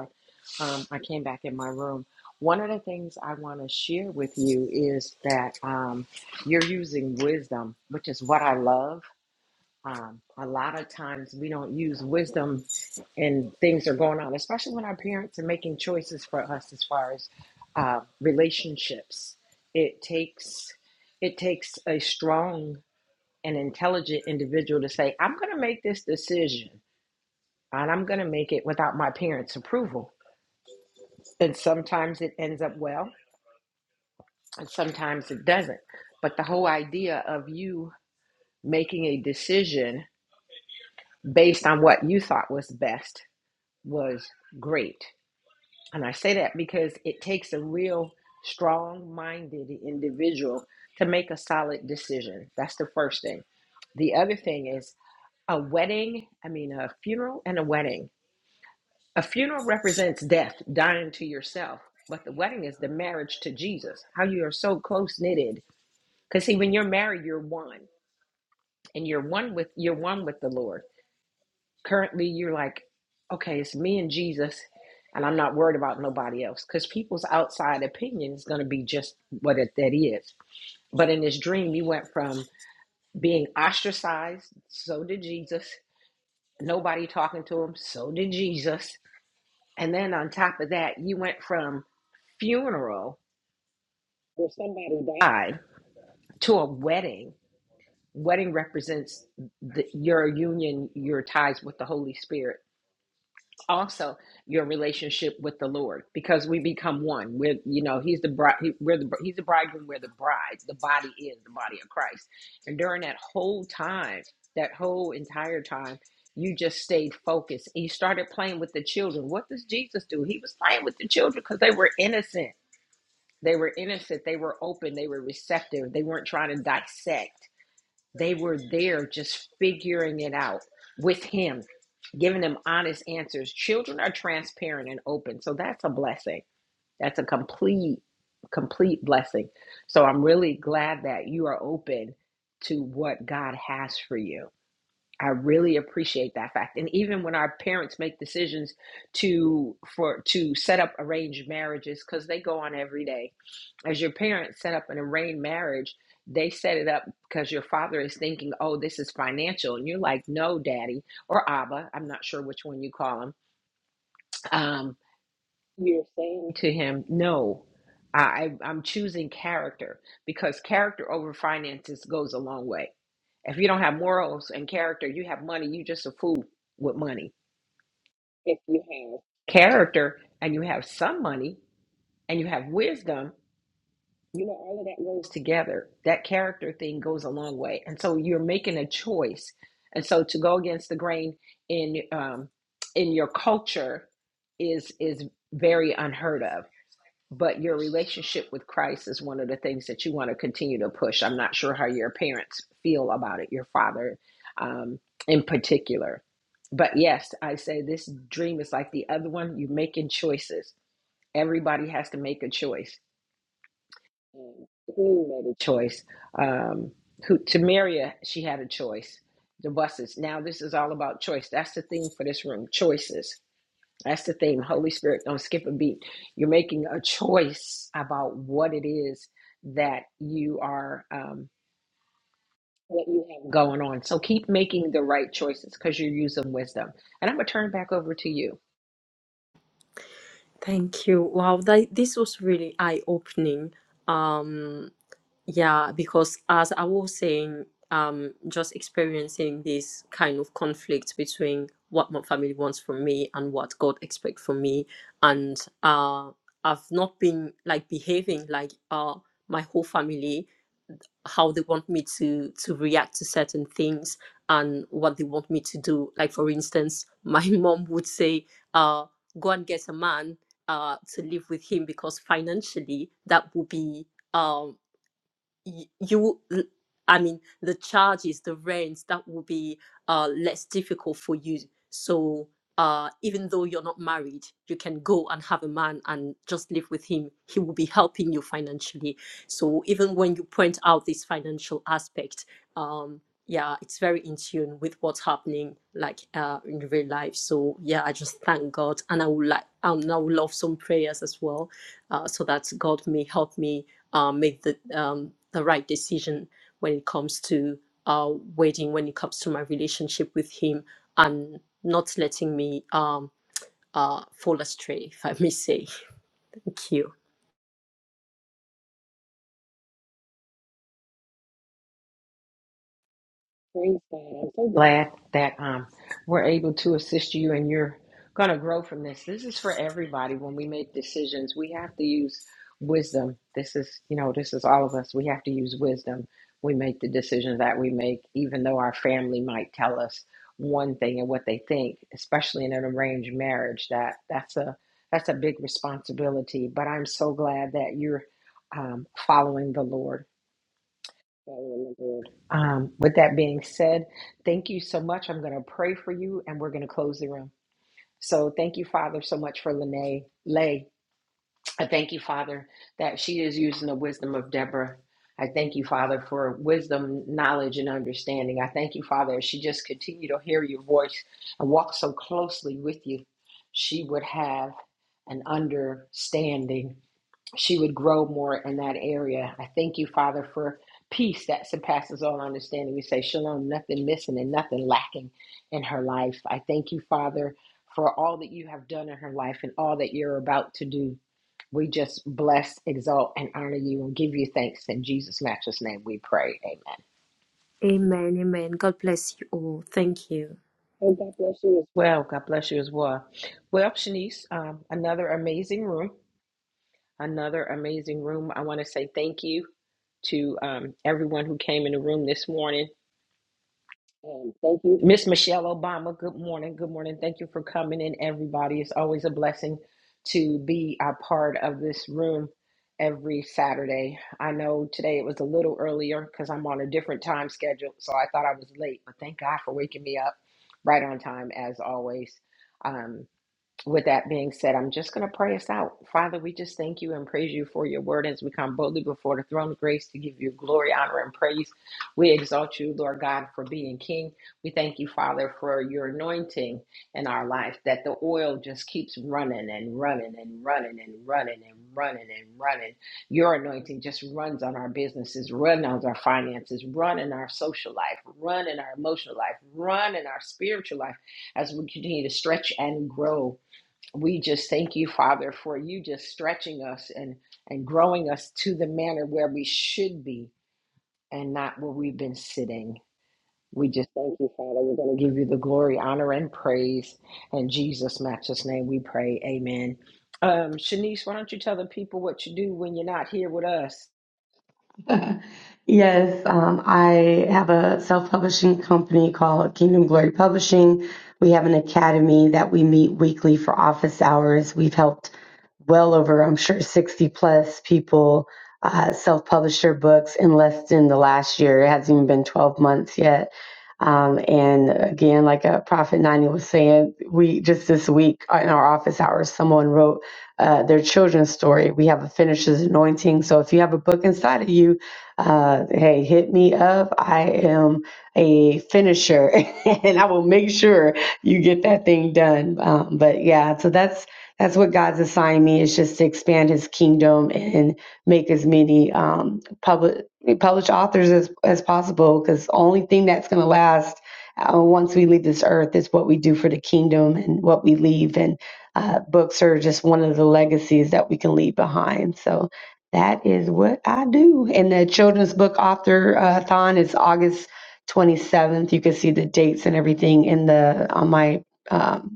Speaker 1: um, I came back in my room. One of the things I want to share with you is that um, you're using wisdom, which is what I love. Um, a lot of times we don't use wisdom and things are going on, especially when our parents are making choices for us as far as uh, relationships. It takes it takes a strong and intelligent individual to say, "I'm going to make this decision, and I'm going to make it without my parents' approval." And sometimes it ends up well, and sometimes it doesn't. But the whole idea of you making a decision based on what you thought was best was great. And I say that because it takes a real strong minded individual to make a solid decision. That's the first thing. The other thing is a wedding, I mean, a funeral and a wedding. A funeral represents death, dying to yourself, but the wedding is the marriage to Jesus, how you are so close knitted. Because, see, when you're married, you're one. and you're one with you're one with the Lord. Currently, you're like, okay, it's me and Jesus, and I'm not worried about nobody else because people's outside opinion is going to be just what it, that is. But in this dream, you went from being ostracized, so did Jesus. Nobody talking to him, so did Jesus. And then on top of that, you went from funeral where somebody died to a wedding. Wedding represents the, your union, your ties with the Holy Spirit also your relationship with the Lord because we become one. We're, you know, he's the bride, he, we're the, he's the bridegroom, we're the brides. The body is the body of Christ. And during that whole time, that whole entire time, you just stayed focused. you started playing with the children. What does Jesus do? He was playing with the children because they were innocent. They were innocent. They were open. They were receptive. They weren't trying to dissect. They were there just figuring it out with him giving them honest answers. Children are transparent and open. So that's a blessing. That's a complete, complete blessing. So I'm really glad that you are open to what God has for you. I really appreciate that fact. And even when our parents make decisions to for to set up arranged marriages cuz they go on every day as your parents set up an arranged marriage, they set it up because your father is thinking, oh, this is financial. And you're like, no, daddy, or Abba, I'm not sure which one you call him. Um, you're saying to him, no, I, I'm choosing character because character over finances goes a long way. If you don't have morals and character, you have money, you just a fool with money. If you have character and you have some money and you have wisdom, You know, all of that goes together. That character thing goes a long way. And so you're making a choice. And so to go against the grain in um, in your culture is is very unheard of. But your relationship with Christ is one of the things that you want to continue to push. I'm not sure how your parents feel about it, your father um, in particular. But yes, I say this dream is like the other one. You're making choices. Everybody has to make a choice Queen made a choice. Um, who to she had a choice. The buses. Now this is all about choice. That's the theme for this room. Choices. That's the theme. Holy Spirit, don't skip a beat. You're making a choice about what it is that you are um, what you have going on. So keep making the right choices because you're using wisdom. And I'm gonna turn it back over to you.
Speaker 7: Thank you. Wow, that, this was really eye opening. Um, Yeah, because as I was saying, um, just experiencing this kind of conflict between what my family wants from me and what God expects from me, and uh, I've not been like behaving like uh my whole family how they want me to to react to certain things and what they want me to do. Like for instance, my mom would say, uh, go and get a man uh to live with him because financially that would be um y- you I mean the charges the rents that will be uh less difficult for you so uh even though you're not married you can go and have a man and just live with him he will be helping you financially so even when you point out this financial aspect um yeah it's very in tune with what's happening like uh in real life so yeah i just thank god and i would like um, i would love some prayers as well uh, so that god may help me uh, make the um the right decision when it comes to uh wedding when it comes to my relationship with him and not letting me um uh fall astray if i may say thank you
Speaker 1: Praise God. I'm so glad that um, we're able to assist you and you're going to grow from this. This is for everybody. When we make decisions, we have to use wisdom. This is, you know, this is all of us. We have to use wisdom. We make the decisions that we make, even though our family might tell us one thing and what they think, especially in an arranged marriage. That that's a that's a big responsibility. But I'm so glad that you're um, following the Lord um, with that being said, thank you so much. I'm going to pray for you and we're going to close the room. So thank you, Father, so much for Lene. Lay. I thank you, Father, that she is using the wisdom of Deborah. I thank you, Father, for wisdom, knowledge, and understanding. I thank you, Father, as she just continued to hear your voice and walk so closely with you, she would have an understanding she would grow more in that area. I thank you, Father, for peace that surpasses all understanding. We say shalom, nothing missing and nothing lacking in her life. I thank you, Father, for all that you have done in her life and all that you're about to do. We just bless, exalt, and honor you and give you thanks. In Jesus' matchless name, we pray. Amen.
Speaker 7: amen amen god bless you all thank you
Speaker 1: And God bless you as Well, God bless you as well. Well, Shanice, um, another amazing room. Another amazing room. I want to say thank you. to um, everyone who came in the room this morning. And thank you, Miss Michelle Obama. Good morning. Good morning. Thank you for coming in, everybody. It's always a blessing to be a part of this room every Saturday. I know today it was a little earlier because I'm on a different time schedule, so I thought I was late, but thank God for waking me up right on time as always. Um, with that being said, I'm just going to pray us out. Father, we just thank you and praise you for your word as we come boldly before the throne of grace to give you glory, honor, and praise. We exalt you, Lord God, for being King. We thank you, Father, for your anointing in our life, that the oil just keeps running and running and running and running and running and running. Your anointing just runs on our businesses, run on our finances, run in our social life, run in our emotional life, run in our spiritual life as we continue to stretch and grow we just thank you, Father, for you just stretching us and, and growing us to the manner where we should be and not where we've been sitting. We just thank you, Father. We're going to give you the glory, honor, and praise. In Jesus' matchless name, we pray. Amen. Um, Shanice, why don't you tell the people what you do when you're not here with us?
Speaker 4: Yes, um, I have a self-publishing company called Kingdom Glory Publishing. We have an academy that we meet weekly for office hours. We've helped well over, I'm sure, 60 plus people uh, self-publish their books in less than the last year. It hasn't even been 12 months yet. Um, and again, like uh, Prophet Nani was saying, we just this week in our office hours, someone wrote uh, their children's story. We have a finisher's anointing. So if you have a book inside of you, uh, hey, hit me up. I am a finisher and I will make sure you get that thing done. Um, but yeah, so that's that's what God's assigned me is just to expand his kingdom and make as many um, public published authors as, as possible because the only thing that's going to last uh, once we leave this earth is what we do for the kingdom and what we leave. And uh, books are just one of the legacies that we can leave behind. So that is what I do. And the children's book author uh, thon is August 27th. You can see the dates and everything in the on my. um,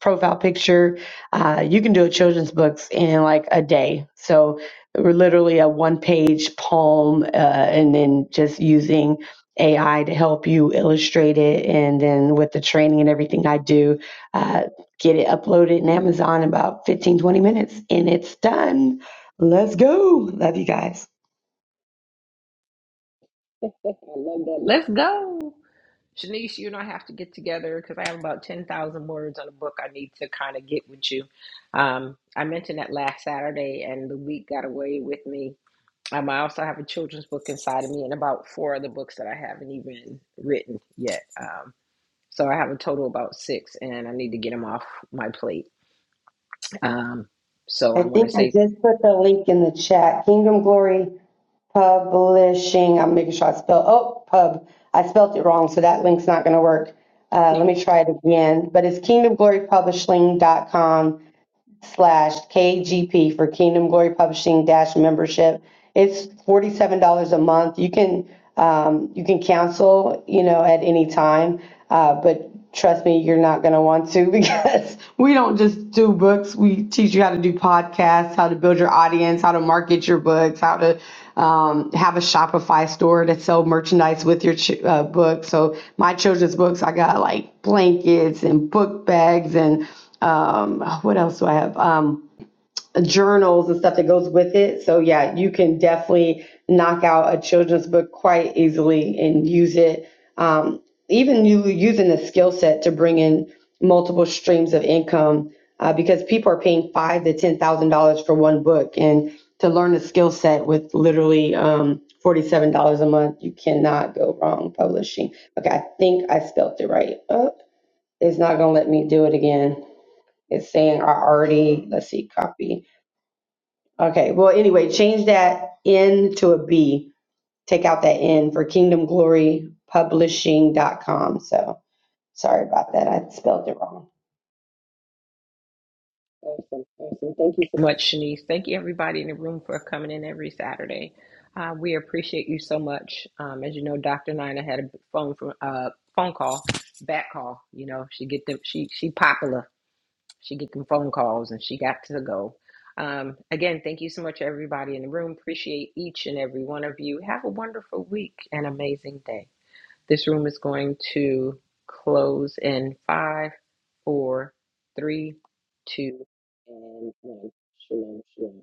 Speaker 4: profile picture. Uh, you can do a children's books in like a day. So we're literally a one page poem uh, and then just using AI to help you illustrate it. And then with the training and everything I do, uh, get it uploaded in Amazon in about 15 20 minutes and it's done. Let's go. Love you guys.
Speaker 1: I love that. Let's go. Shanice, you and I have to get together because I have about 10,000 words on a book I need to kind of get with you. Um, I mentioned that last Saturday, and the week got away with me. Um, I also have a children's book inside of me and about four other books that I haven't even written yet. Um, so I have a total about six, and I need to get them off my plate. Um, so
Speaker 4: I
Speaker 1: I want to
Speaker 4: think I
Speaker 1: say
Speaker 4: just put the link in the chat. Kingdom Glory Publishing. I'm making sure I spell. Oh, pub. I spelled it wrong, so that link's not going to work. Uh, let me try it again. But it's kingdomglorypublishing.com slash KGP for Kingdom Glory Publishing dash membership. It's forty-seven dollars a month. You can, um, you can cancel, you know, at any time. Uh, but trust me, you're not gonna want to because we don't just do books. We teach you how to do podcasts, how to build your audience, how to market your books, how to um, have a Shopify store to sell merchandise with your ch- uh, book. So my children's books, I got like blankets and book bags and um what else do i have um journals and stuff that goes with it so yeah you can definitely knock out a children's book quite easily and use it um even you using the skill set to bring in multiple streams of income uh, because people are paying five to ten thousand dollars for one book and to learn a skill set with literally um $47 a month you cannot go wrong publishing okay i think i spelled it right oh, it's not gonna let me do it again it's saying I already, let's see, copy. Okay, well, anyway, change that N to a B. Take out that N for kingdom glory publishing dot com. So sorry about that. I spelled it wrong.
Speaker 1: Awesome, awesome. Thank you so much, Shanice. Thank you, everybody in the room, for coming in every Saturday. Uh, we appreciate you so much. Um, as you know, Doctor Nina had a phone from uh, phone call, back call. You know, she get them. She she popular. She get them phone calls, and she got to go. Um, again, thank you so much, everybody in the room. Appreciate each and every one of you. Have a wonderful week and amazing day. This room is going to close in five four, three, two, and one. Shalom, shalom.